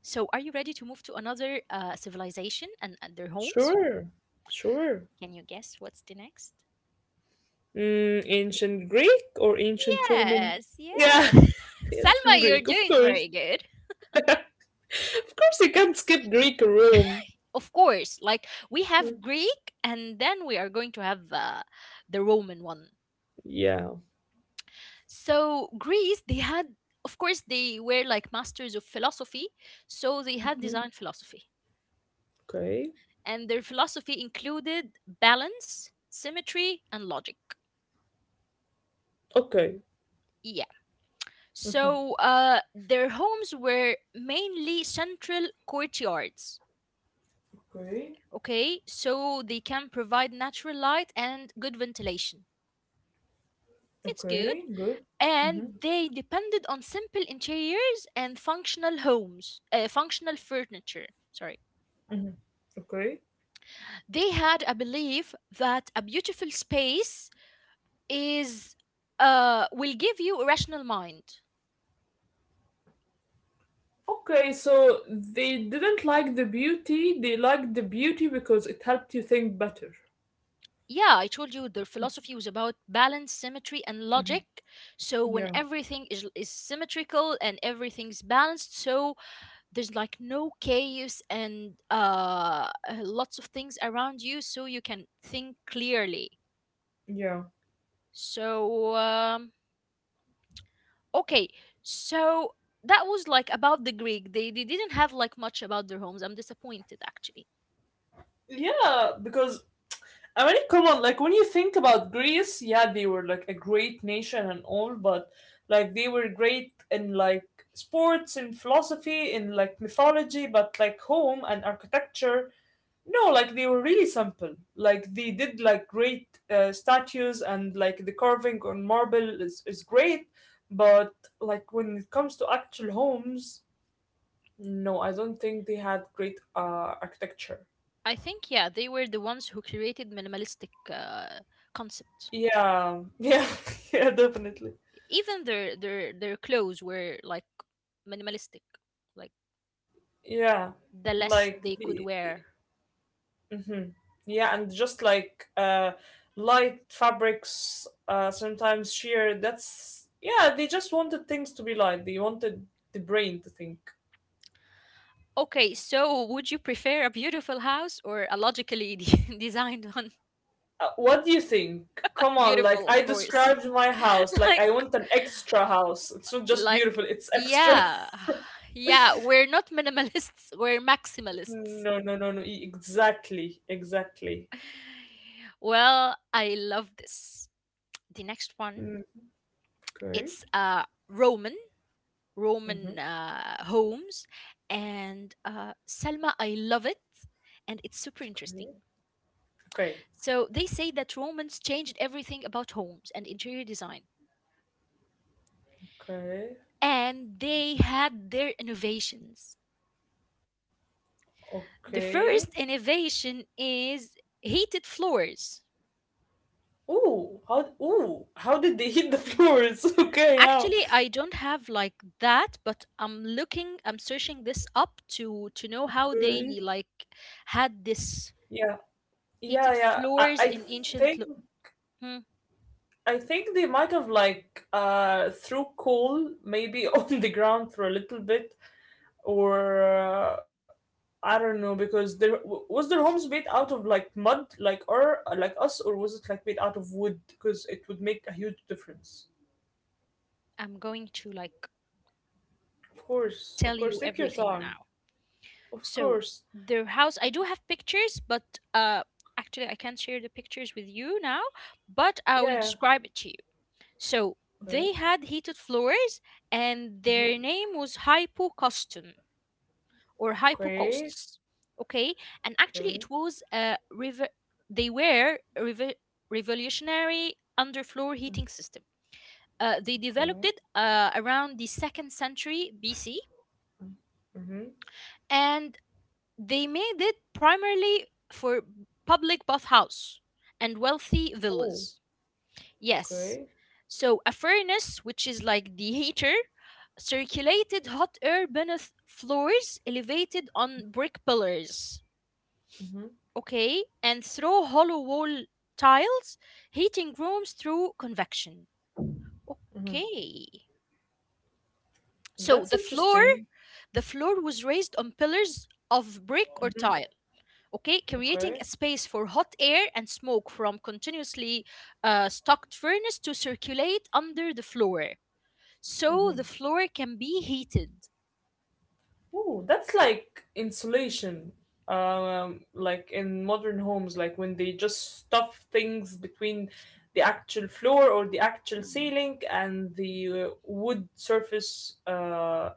[SPEAKER 1] So, are you ready to move to another civilization and their homes?
[SPEAKER 2] Sure, sure.
[SPEAKER 1] Can you guess what's the next?
[SPEAKER 2] Mm, ancient Greek or ancient Roman?
[SPEAKER 1] Yes,
[SPEAKER 2] Yeah,
[SPEAKER 1] yes. <laughs>
[SPEAKER 2] <laughs> ancient
[SPEAKER 1] Salma, you're
[SPEAKER 2] Greek, of
[SPEAKER 1] doing
[SPEAKER 2] course.
[SPEAKER 1] very good.
[SPEAKER 2] Of course, you can't skip Greek or Rome.
[SPEAKER 1] <laughs> Of course, like we
[SPEAKER 2] Mm.
[SPEAKER 1] have Greek, and then we are going to have the Roman one.
[SPEAKER 2] Yeah.
[SPEAKER 1] So Greece, they had, of course, they were like masters of philosophy, so they had
[SPEAKER 2] Mhm.
[SPEAKER 1] design philosophy,
[SPEAKER 2] Okay.
[SPEAKER 1] and their philosophy included balance, symmetry, and logic.
[SPEAKER 2] Okay.
[SPEAKER 1] Yeah. So their homes were mainly central courtyards.
[SPEAKER 2] Okay.
[SPEAKER 1] Okay, so they can provide natural light and good ventilation. It's good.
[SPEAKER 2] Okay. Good. Hmm.
[SPEAKER 1] And they depended on simple interiors and functional homes, functional furniture. Sorry.
[SPEAKER 2] Okay.
[SPEAKER 1] They had a belief that a beautiful space is will give you a rational mind.
[SPEAKER 2] Okay. So they didn't like the beauty. They liked the beauty because it helped you think better.
[SPEAKER 1] Yeah, I told you their philosophy was about balance, symmetry, and logic. So when
[SPEAKER 2] Yeah.
[SPEAKER 1] everything is symmetrical and everything's balanced, so there's like no chaos and lots of things around you, so you can think clearly.
[SPEAKER 2] Yeah.
[SPEAKER 1] So um, okay, so that was like about the Greek. They didn't have like much about their homes. I'm disappointed actually.
[SPEAKER 2] Yeah, because I mean, come on, like when you think about Greece, yeah, they were like a great nation and all, but like they were great in like sports and philosophy in like mythology, but like home and architecture, no, like they were really simple. Like they did like great statues and like the carving on marble is great, but like when it comes to actual homes, no, I don't think they had great architecture.
[SPEAKER 1] I think, yeah, they were the ones who created minimalistic concept.
[SPEAKER 2] Yeah, <laughs> yeah, yeah, definitely.
[SPEAKER 1] Even their clothes were like minimalistic, like
[SPEAKER 2] Yeah,
[SPEAKER 1] the less
[SPEAKER 2] like
[SPEAKER 1] they could
[SPEAKER 2] the
[SPEAKER 1] wear.
[SPEAKER 2] hmm. Yeah, and just like light fabrics, sometimes sheer, that's yeah, they just wanted things to be light. They wanted the brain to think.
[SPEAKER 1] Okay, so would you prefer a beautiful house or a logically <laughs> designed one?
[SPEAKER 2] What do you think? Come
[SPEAKER 1] <laughs>
[SPEAKER 2] on, like
[SPEAKER 1] Beautiful, of
[SPEAKER 2] I
[SPEAKER 1] course.
[SPEAKER 2] described my
[SPEAKER 1] <laughs>
[SPEAKER 2] house, like
[SPEAKER 1] like
[SPEAKER 2] I want an extra house. It's not just
[SPEAKER 1] Like,
[SPEAKER 2] beautiful, it's extra.
[SPEAKER 1] yeah, <sighs> yeah, we're not minimalists, <laughs> we're maximalists.
[SPEAKER 2] <laughs> No, no, no, no. Exactly, exactly.
[SPEAKER 1] Well, I love this. The next one,
[SPEAKER 2] Mm. Okay.
[SPEAKER 1] it's Roman,
[SPEAKER 2] Mm-hmm.
[SPEAKER 1] Roman homes, and Selma. I love it, and it's super interesting.
[SPEAKER 2] Okay. Okay.
[SPEAKER 1] So they say that Romans changed everything about homes and interior design,
[SPEAKER 2] Okay.
[SPEAKER 1] and they had their innovations. The
[SPEAKER 2] Okay.
[SPEAKER 1] first innovation is heated floors.
[SPEAKER 2] Ooh, how did they hit the floors? <laughs> Okay, how?
[SPEAKER 1] Actually, I don't have like that, but I'm looking, I'm searching this up to know how they
[SPEAKER 2] Okay.
[SPEAKER 1] like had this
[SPEAKER 2] Yeah, yeah,
[SPEAKER 1] heated
[SPEAKER 2] yeah.
[SPEAKER 1] floors in
[SPEAKER 2] Think
[SPEAKER 1] ancient. Hmm,
[SPEAKER 2] I think they might have like threw coal maybe <laughs> on the ground for a little bit, or I don't know because there was their homes made out of like mud, like or like us, or was it like made out of wood? Because it would make a huge difference.
[SPEAKER 1] I'm going to like
[SPEAKER 2] Of course, of
[SPEAKER 1] tell
[SPEAKER 2] course.
[SPEAKER 1] you
[SPEAKER 2] Take your
[SPEAKER 1] everything
[SPEAKER 2] time.
[SPEAKER 1] now.
[SPEAKER 2] Of
[SPEAKER 1] So
[SPEAKER 2] course.
[SPEAKER 1] their house, I do have pictures, but actually, I can't share the pictures with you now, but I
[SPEAKER 2] Yeah,
[SPEAKER 1] will
[SPEAKER 2] yeah.
[SPEAKER 1] describe it to you. So
[SPEAKER 2] Okay.
[SPEAKER 1] they had heated floors, and
[SPEAKER 2] Mm-hmm.
[SPEAKER 1] their name was hypocostum, or
[SPEAKER 2] Okay.
[SPEAKER 1] hypocausts. Okay, and
[SPEAKER 2] Okay,
[SPEAKER 1] actually, it was a rev- they were a revo- revolutionary underfloor heating system. They developed
[SPEAKER 2] okay.
[SPEAKER 1] it around the second century BC,
[SPEAKER 2] Mm-hmm.
[SPEAKER 1] and they made it primarily for public bathhouse and wealthy
[SPEAKER 2] Oh,
[SPEAKER 1] villas. Yes,
[SPEAKER 2] okay.
[SPEAKER 1] so a furnace, which is like the heater, circulated hot air beneath floors elevated on brick pillars.
[SPEAKER 2] Mm-hmm.
[SPEAKER 1] Okay, and through hollow wall tiles, heating rooms through convection. Okay. So
[SPEAKER 2] That's interesting.
[SPEAKER 1] the floor was raised on pillars of brick or tile, okay, creating
[SPEAKER 2] Okay.
[SPEAKER 1] a space for hot air and smoke from continuously stocked furnace to circulate under the floor. So the floor can be heated.
[SPEAKER 2] Oh, that's like insulation. Like in modern homes, like when they just stuff things between the actual floor or the actual ceiling and the wood surface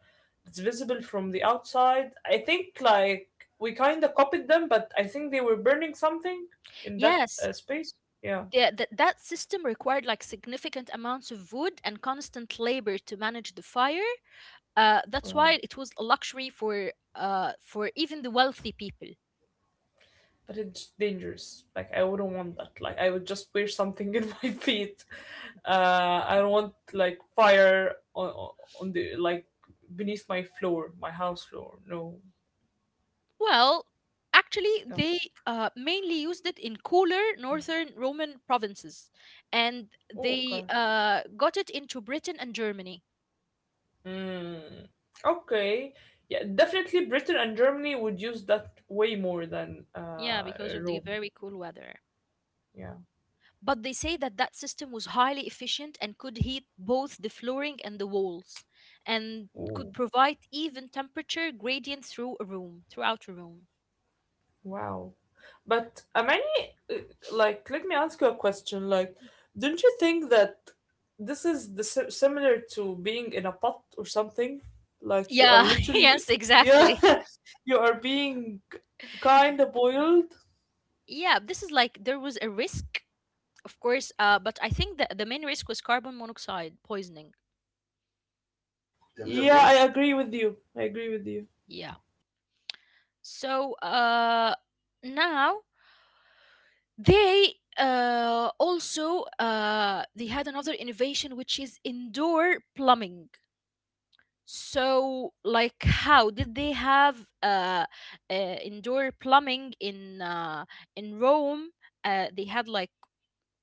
[SPEAKER 2] that's visible from the outside. I think like we kind of copied them, but I think they were burning something in that
[SPEAKER 1] Yes,
[SPEAKER 2] space. Yeah,
[SPEAKER 1] that system required like significant amounts of wood and constant labor to manage the fire. That's why it was a luxury for even the wealthy people.
[SPEAKER 2] but it's dangerous. Like I wouldn't want that. Like I would just wear something <laughs> in my feet. I don't want like fire on the like beneath my floor, my house floor. No,
[SPEAKER 1] Well, actually,
[SPEAKER 2] no.
[SPEAKER 1] they mainly used it in cooler northern Roman provinces, and
[SPEAKER 2] Oh,
[SPEAKER 1] they
[SPEAKER 2] okay.
[SPEAKER 1] got it into Britain and Germany.
[SPEAKER 2] Mm, okay. Yeah, definitely Britain and Germany would use that way more than
[SPEAKER 1] Yeah, because of the
[SPEAKER 2] Rome.
[SPEAKER 1] very cool weather.
[SPEAKER 2] Yeah.
[SPEAKER 1] But they say that that system was highly efficient and could heat both the flooring and the walls, and could
[SPEAKER 2] Ooh.
[SPEAKER 1] provide even temperature gradient through a room, throughout a room.
[SPEAKER 2] Wow. But Amani, like, let me ask you a question. Like, don't you think that this is the similar to being in a pot or something? Like, you are
[SPEAKER 1] Yeah, <laughs>
[SPEAKER 2] literally,
[SPEAKER 1] yes,
[SPEAKER 2] yeah,
[SPEAKER 1] exactly.
[SPEAKER 2] <laughs> you are being kind of boiled.
[SPEAKER 1] Yeah, this is like there was a risk, of course, but I think that the main risk was carbon monoxide poisoning.
[SPEAKER 2] Yeah, I agree with you. I agree with you.
[SPEAKER 1] Yeah. So now they also they had another innovation which is indoor plumbing. So like how did they have indoor plumbing in Rome? They had like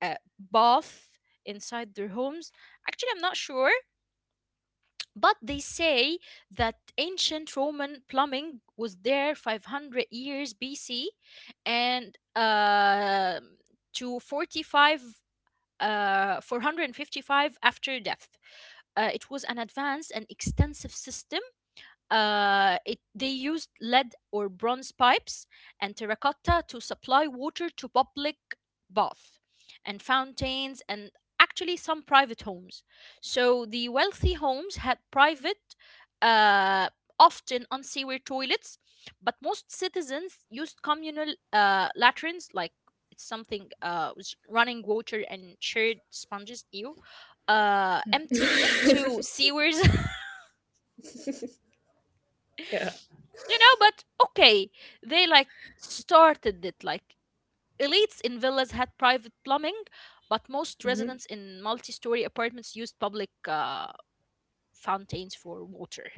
[SPEAKER 1] a bath inside their homes. Actually, I'm not sure. But they say that ancient Roman plumbing was there 500 years BC and to 45, 455 after death. It was an advanced and extensive system, they used lead or bronze pipes and terracotta to supply water to public baths and fountains and actually some private homes. So the wealthy homes had private, uh, often unsewer toilets, but most citizens used communal latrines, like it's something with running water and shared sponges, ew, emptying into sewers,
[SPEAKER 2] Yeah.
[SPEAKER 1] you know, but okay, they like started it like. Elites in villas had private plumbing, but most residents in multi-story apartments used public fountains for water.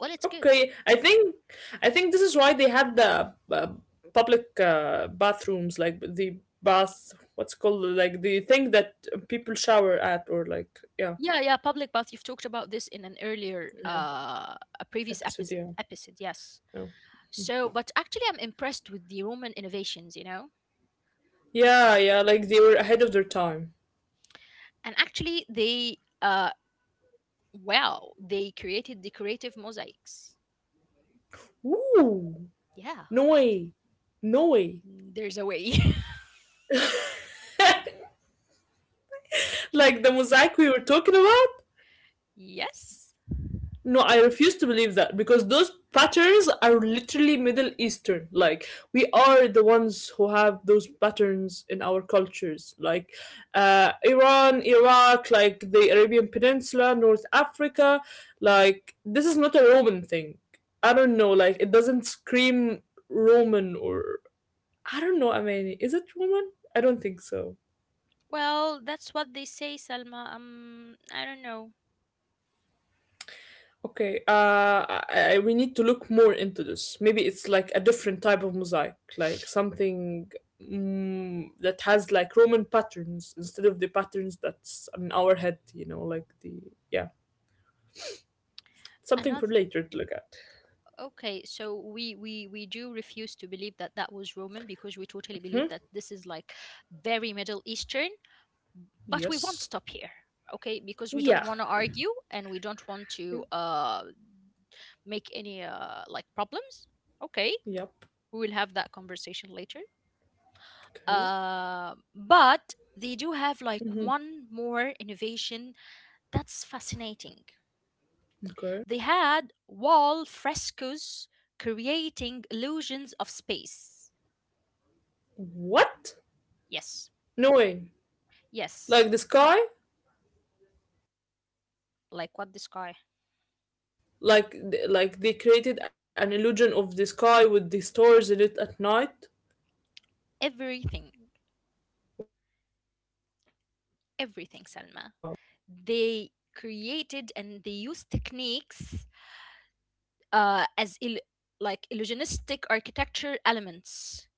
[SPEAKER 1] Well, it's good.
[SPEAKER 2] Okay, I think this is why they had the public bathrooms, like the bath, what's it called, like the thing that people shower at, or like yeah.
[SPEAKER 1] Yeah, yeah, public bath, you've talked about this in an earlier
[SPEAKER 2] Yeah.
[SPEAKER 1] uh a previous
[SPEAKER 2] Episode,
[SPEAKER 1] episode
[SPEAKER 2] yeah,
[SPEAKER 1] episode. Yes,
[SPEAKER 2] yeah,
[SPEAKER 1] so but actually I'm impressed with the Roman innovations, you know.
[SPEAKER 2] yeah, yeah, like they were ahead of their time.
[SPEAKER 1] And actually they uh, wow, they created decorative mosaics.
[SPEAKER 2] Ooh,
[SPEAKER 1] Yeah,
[SPEAKER 2] no way, no way.
[SPEAKER 1] there's a way.
[SPEAKER 2] <laughs> Like the mosaic we were talking about.
[SPEAKER 1] <laughs> Yes.
[SPEAKER 2] No, I refuse to believe that because those patterns are literally Middle Eastern. Like we are the ones who have those patterns in our cultures, like Iran, Iraq, like the Arabian Peninsula, North Africa. Like this is not a Roman thing. I don't know. Like it doesn't scream Roman or I don't know. I mean, is it Roman? I don't think so.
[SPEAKER 1] Well, that's what they say, Salma. I don't know.
[SPEAKER 2] Okay, we need to look more into this. Maybe it's like a different type of mosaic, like something that has like Roman patterns instead of the patterns that's on our head, you know, like the, yeah, something for
[SPEAKER 1] Another.
[SPEAKER 2] later to look at.
[SPEAKER 1] Okay, so we do refuse to believe that that was Roman because we totally
[SPEAKER 2] Hmm.
[SPEAKER 1] believe that this is like very Middle Eastern. But we won't
[SPEAKER 2] Yes.
[SPEAKER 1] stop here. Okay, because we don't
[SPEAKER 2] Yeah.
[SPEAKER 1] want to argue and we don't want to
[SPEAKER 2] Yep.
[SPEAKER 1] make any like problems. Okay,
[SPEAKER 2] Yep.
[SPEAKER 1] we will have that conversation later.
[SPEAKER 2] Okay.
[SPEAKER 1] But they do have like one more innovation that's fascinating.
[SPEAKER 2] Okay.
[SPEAKER 1] They had wall frescoes creating illusions of space.
[SPEAKER 2] What?
[SPEAKER 1] Yes,
[SPEAKER 2] No way.
[SPEAKER 1] yes,
[SPEAKER 2] Like the sky?
[SPEAKER 1] like what the sky,
[SPEAKER 2] Like, like they created an illusion of the sky with the stars in it at night?
[SPEAKER 1] everything,
[SPEAKER 2] Wow.
[SPEAKER 1] everything, Salma. They created and they used techniques uh, as il- like illusionistic architecture elements.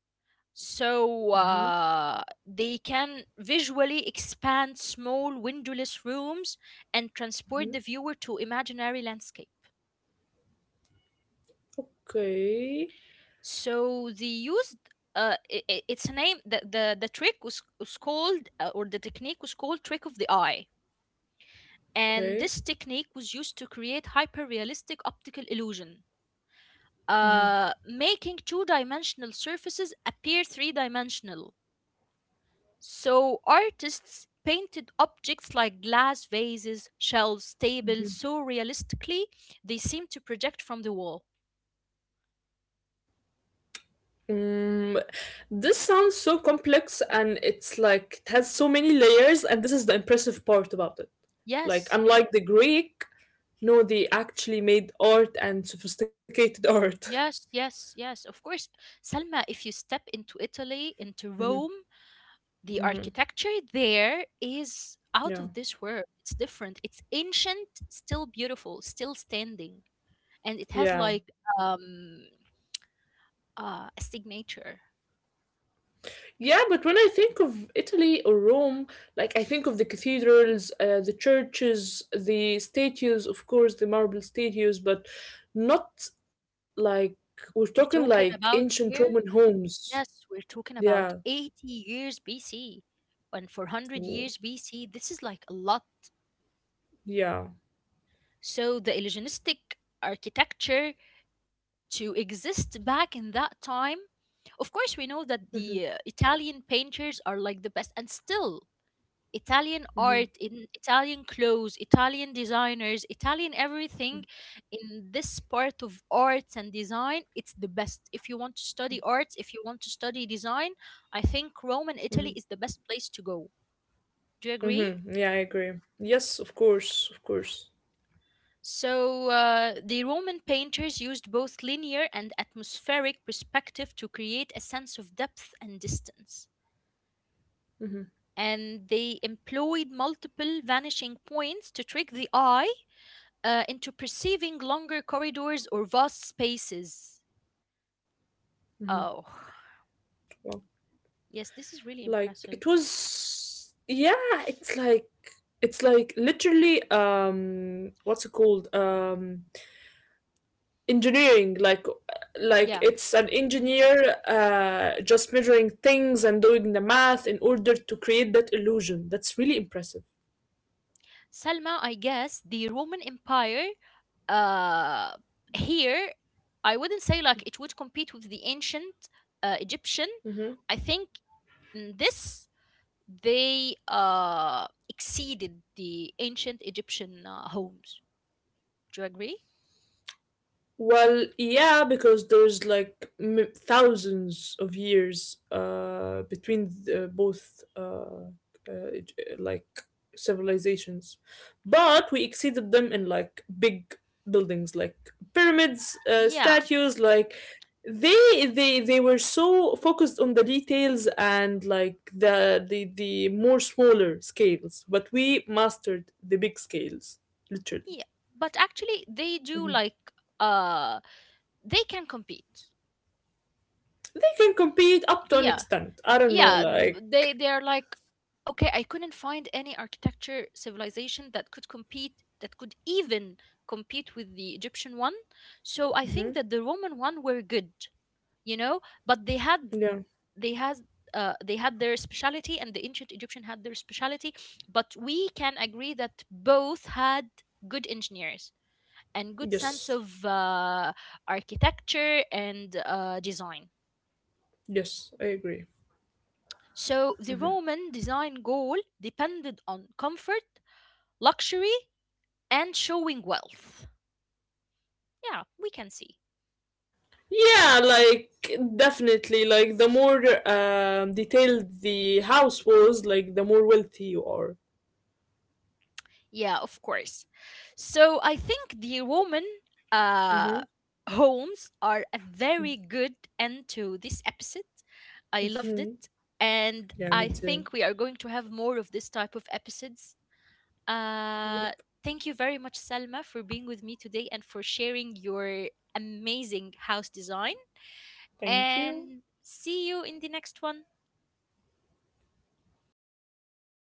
[SPEAKER 1] So
[SPEAKER 2] Mm-hmm.
[SPEAKER 1] they can visually expand small windowless rooms and transport
[SPEAKER 2] Mm-hmm.
[SPEAKER 1] the viewer to imaginary landscape.
[SPEAKER 2] Okay.
[SPEAKER 1] So they used it's a name, the trick was called or the technique was called trick of the eye, and
[SPEAKER 2] Okay.
[SPEAKER 1] this technique was used to create hyper realistic optical illusion, making two dimensional surfaces appear three dimensional. So artists painted objects like glass vases, shelves, tables so realistically they seem to project from the wall.
[SPEAKER 2] Mm, this sounds so complex and it's like it has so many layers, and this is the impressive part about it. Like
[SPEAKER 1] Yes,
[SPEAKER 2] unlike the Greek, no, they actually made art and sophisticated art.
[SPEAKER 1] yes. Of course, Salma, if you step into Italy,
[SPEAKER 2] <laughs>
[SPEAKER 1] into
[SPEAKER 2] Hmm.
[SPEAKER 1] Rome, the
[SPEAKER 2] Hmm.
[SPEAKER 1] architecture there is out
[SPEAKER 2] Yeah.
[SPEAKER 1] of this world. It's different. It's ancient, still beautiful, still standing, and it has
[SPEAKER 2] Yeah.
[SPEAKER 1] like um a signature.
[SPEAKER 2] Yeah, but when I think of Italy or Rome, like I think of the cathedrals, the churches, the statues, of course, the marble statues, but not like we're
[SPEAKER 1] We're
[SPEAKER 2] talking
[SPEAKER 1] talking
[SPEAKER 2] like
[SPEAKER 1] about
[SPEAKER 2] ancient
[SPEAKER 1] here.
[SPEAKER 2] Roman homes.
[SPEAKER 1] Yes, we're talking about
[SPEAKER 2] Yeah,
[SPEAKER 1] 80 years BC. And for 100 years
[SPEAKER 2] w-
[SPEAKER 1] BC, this is like a lot.
[SPEAKER 2] yeah.
[SPEAKER 1] So the illusionistic architecture to exist back in that time, of course, we know that
[SPEAKER 2] Mm-hmm,
[SPEAKER 1] the Italian painters are like the best, and still Italian art,
[SPEAKER 2] mm-hmm,
[SPEAKER 1] in Italian clothes, Italian designers, Italian everything in this part of arts and design, it's the best. If you want to study arts, if you want to study design, I think Rome and
[SPEAKER 2] mm-hmm,
[SPEAKER 1] Italy is the best place to go. Do you agree?
[SPEAKER 2] mm-hmm. Yeah, I agree. Yes, of course, of course.
[SPEAKER 1] So, the Roman painters used both linear and atmospheric perspective to create a sense of depth and distance.
[SPEAKER 2] Mm-hmm,
[SPEAKER 1] And they employed multiple vanishing points to trick the eye into perceiving longer corridors or vast spaces.
[SPEAKER 2] mm-hmm.
[SPEAKER 1] Oh,
[SPEAKER 2] Wow.
[SPEAKER 1] <sighs> yes, this is really
[SPEAKER 2] Like it
[SPEAKER 1] impressive.
[SPEAKER 2] was, yeah, it's like it's like literally what's it called, engineering, like
[SPEAKER 1] Yeah.
[SPEAKER 2] it's an engineer just measuring things and doing the math in order to create that illusion that's really impressive.
[SPEAKER 1] Salma, I guess the Roman Empire uh, here, I wouldn't say like it would compete with the ancient Egyptian.
[SPEAKER 2] Hmm.
[SPEAKER 1] I think in this, they exceeded the ancient Egyptian homes. Do you agree?
[SPEAKER 2] Well, yeah, because there's like thousands of years between the, both like civilizations, but we exceeded them in like big buildings, like pyramids,
[SPEAKER 1] Yeah.
[SPEAKER 2] statues. Like they were so focused on the details and like the more smaller scales, but we mastered the big scales, literally.
[SPEAKER 1] Yeah. But actually, they do
[SPEAKER 2] Mm-hmm.
[SPEAKER 1] like. Uh, they can compete.
[SPEAKER 2] They can compete up to an
[SPEAKER 1] Yeah,
[SPEAKER 2] extent. I don't know,
[SPEAKER 1] yeah.
[SPEAKER 2] like
[SPEAKER 1] They are like, okay, I couldn't find any architecture civilization that could compete, that could even compete with the Egyptian one. So I think that the Roman one were good, you know, but
[SPEAKER 2] yeah,
[SPEAKER 1] they had they had their speciality and the ancient Egyptian had their speciality, but we can agree that both had good engineers and good sense of
[SPEAKER 2] yes,
[SPEAKER 1] architecture and design.
[SPEAKER 2] yes, I agree.
[SPEAKER 1] So the Roman design goal depended on comfort, luxury, and showing wealth. Yeah, we can see.
[SPEAKER 2] Yeah, like definitely, like the more detailed the house was, like the more wealthy you are.
[SPEAKER 1] Yeah, of course. So I think the Roman uh,
[SPEAKER 2] Mm-hmm.
[SPEAKER 1] homes are a very good end to this episode. I loved it.
[SPEAKER 2] Hmm.
[SPEAKER 1] And I
[SPEAKER 2] Yeah, me
[SPEAKER 1] think we are
[SPEAKER 2] too.
[SPEAKER 1] going to have more of this type of episodes. Uh, Thank
[SPEAKER 2] Yep.
[SPEAKER 1] you very much, Salma, for being with me today and for sharing your amazing house design,
[SPEAKER 2] Thank
[SPEAKER 1] and
[SPEAKER 2] you.
[SPEAKER 1] see you in the next one.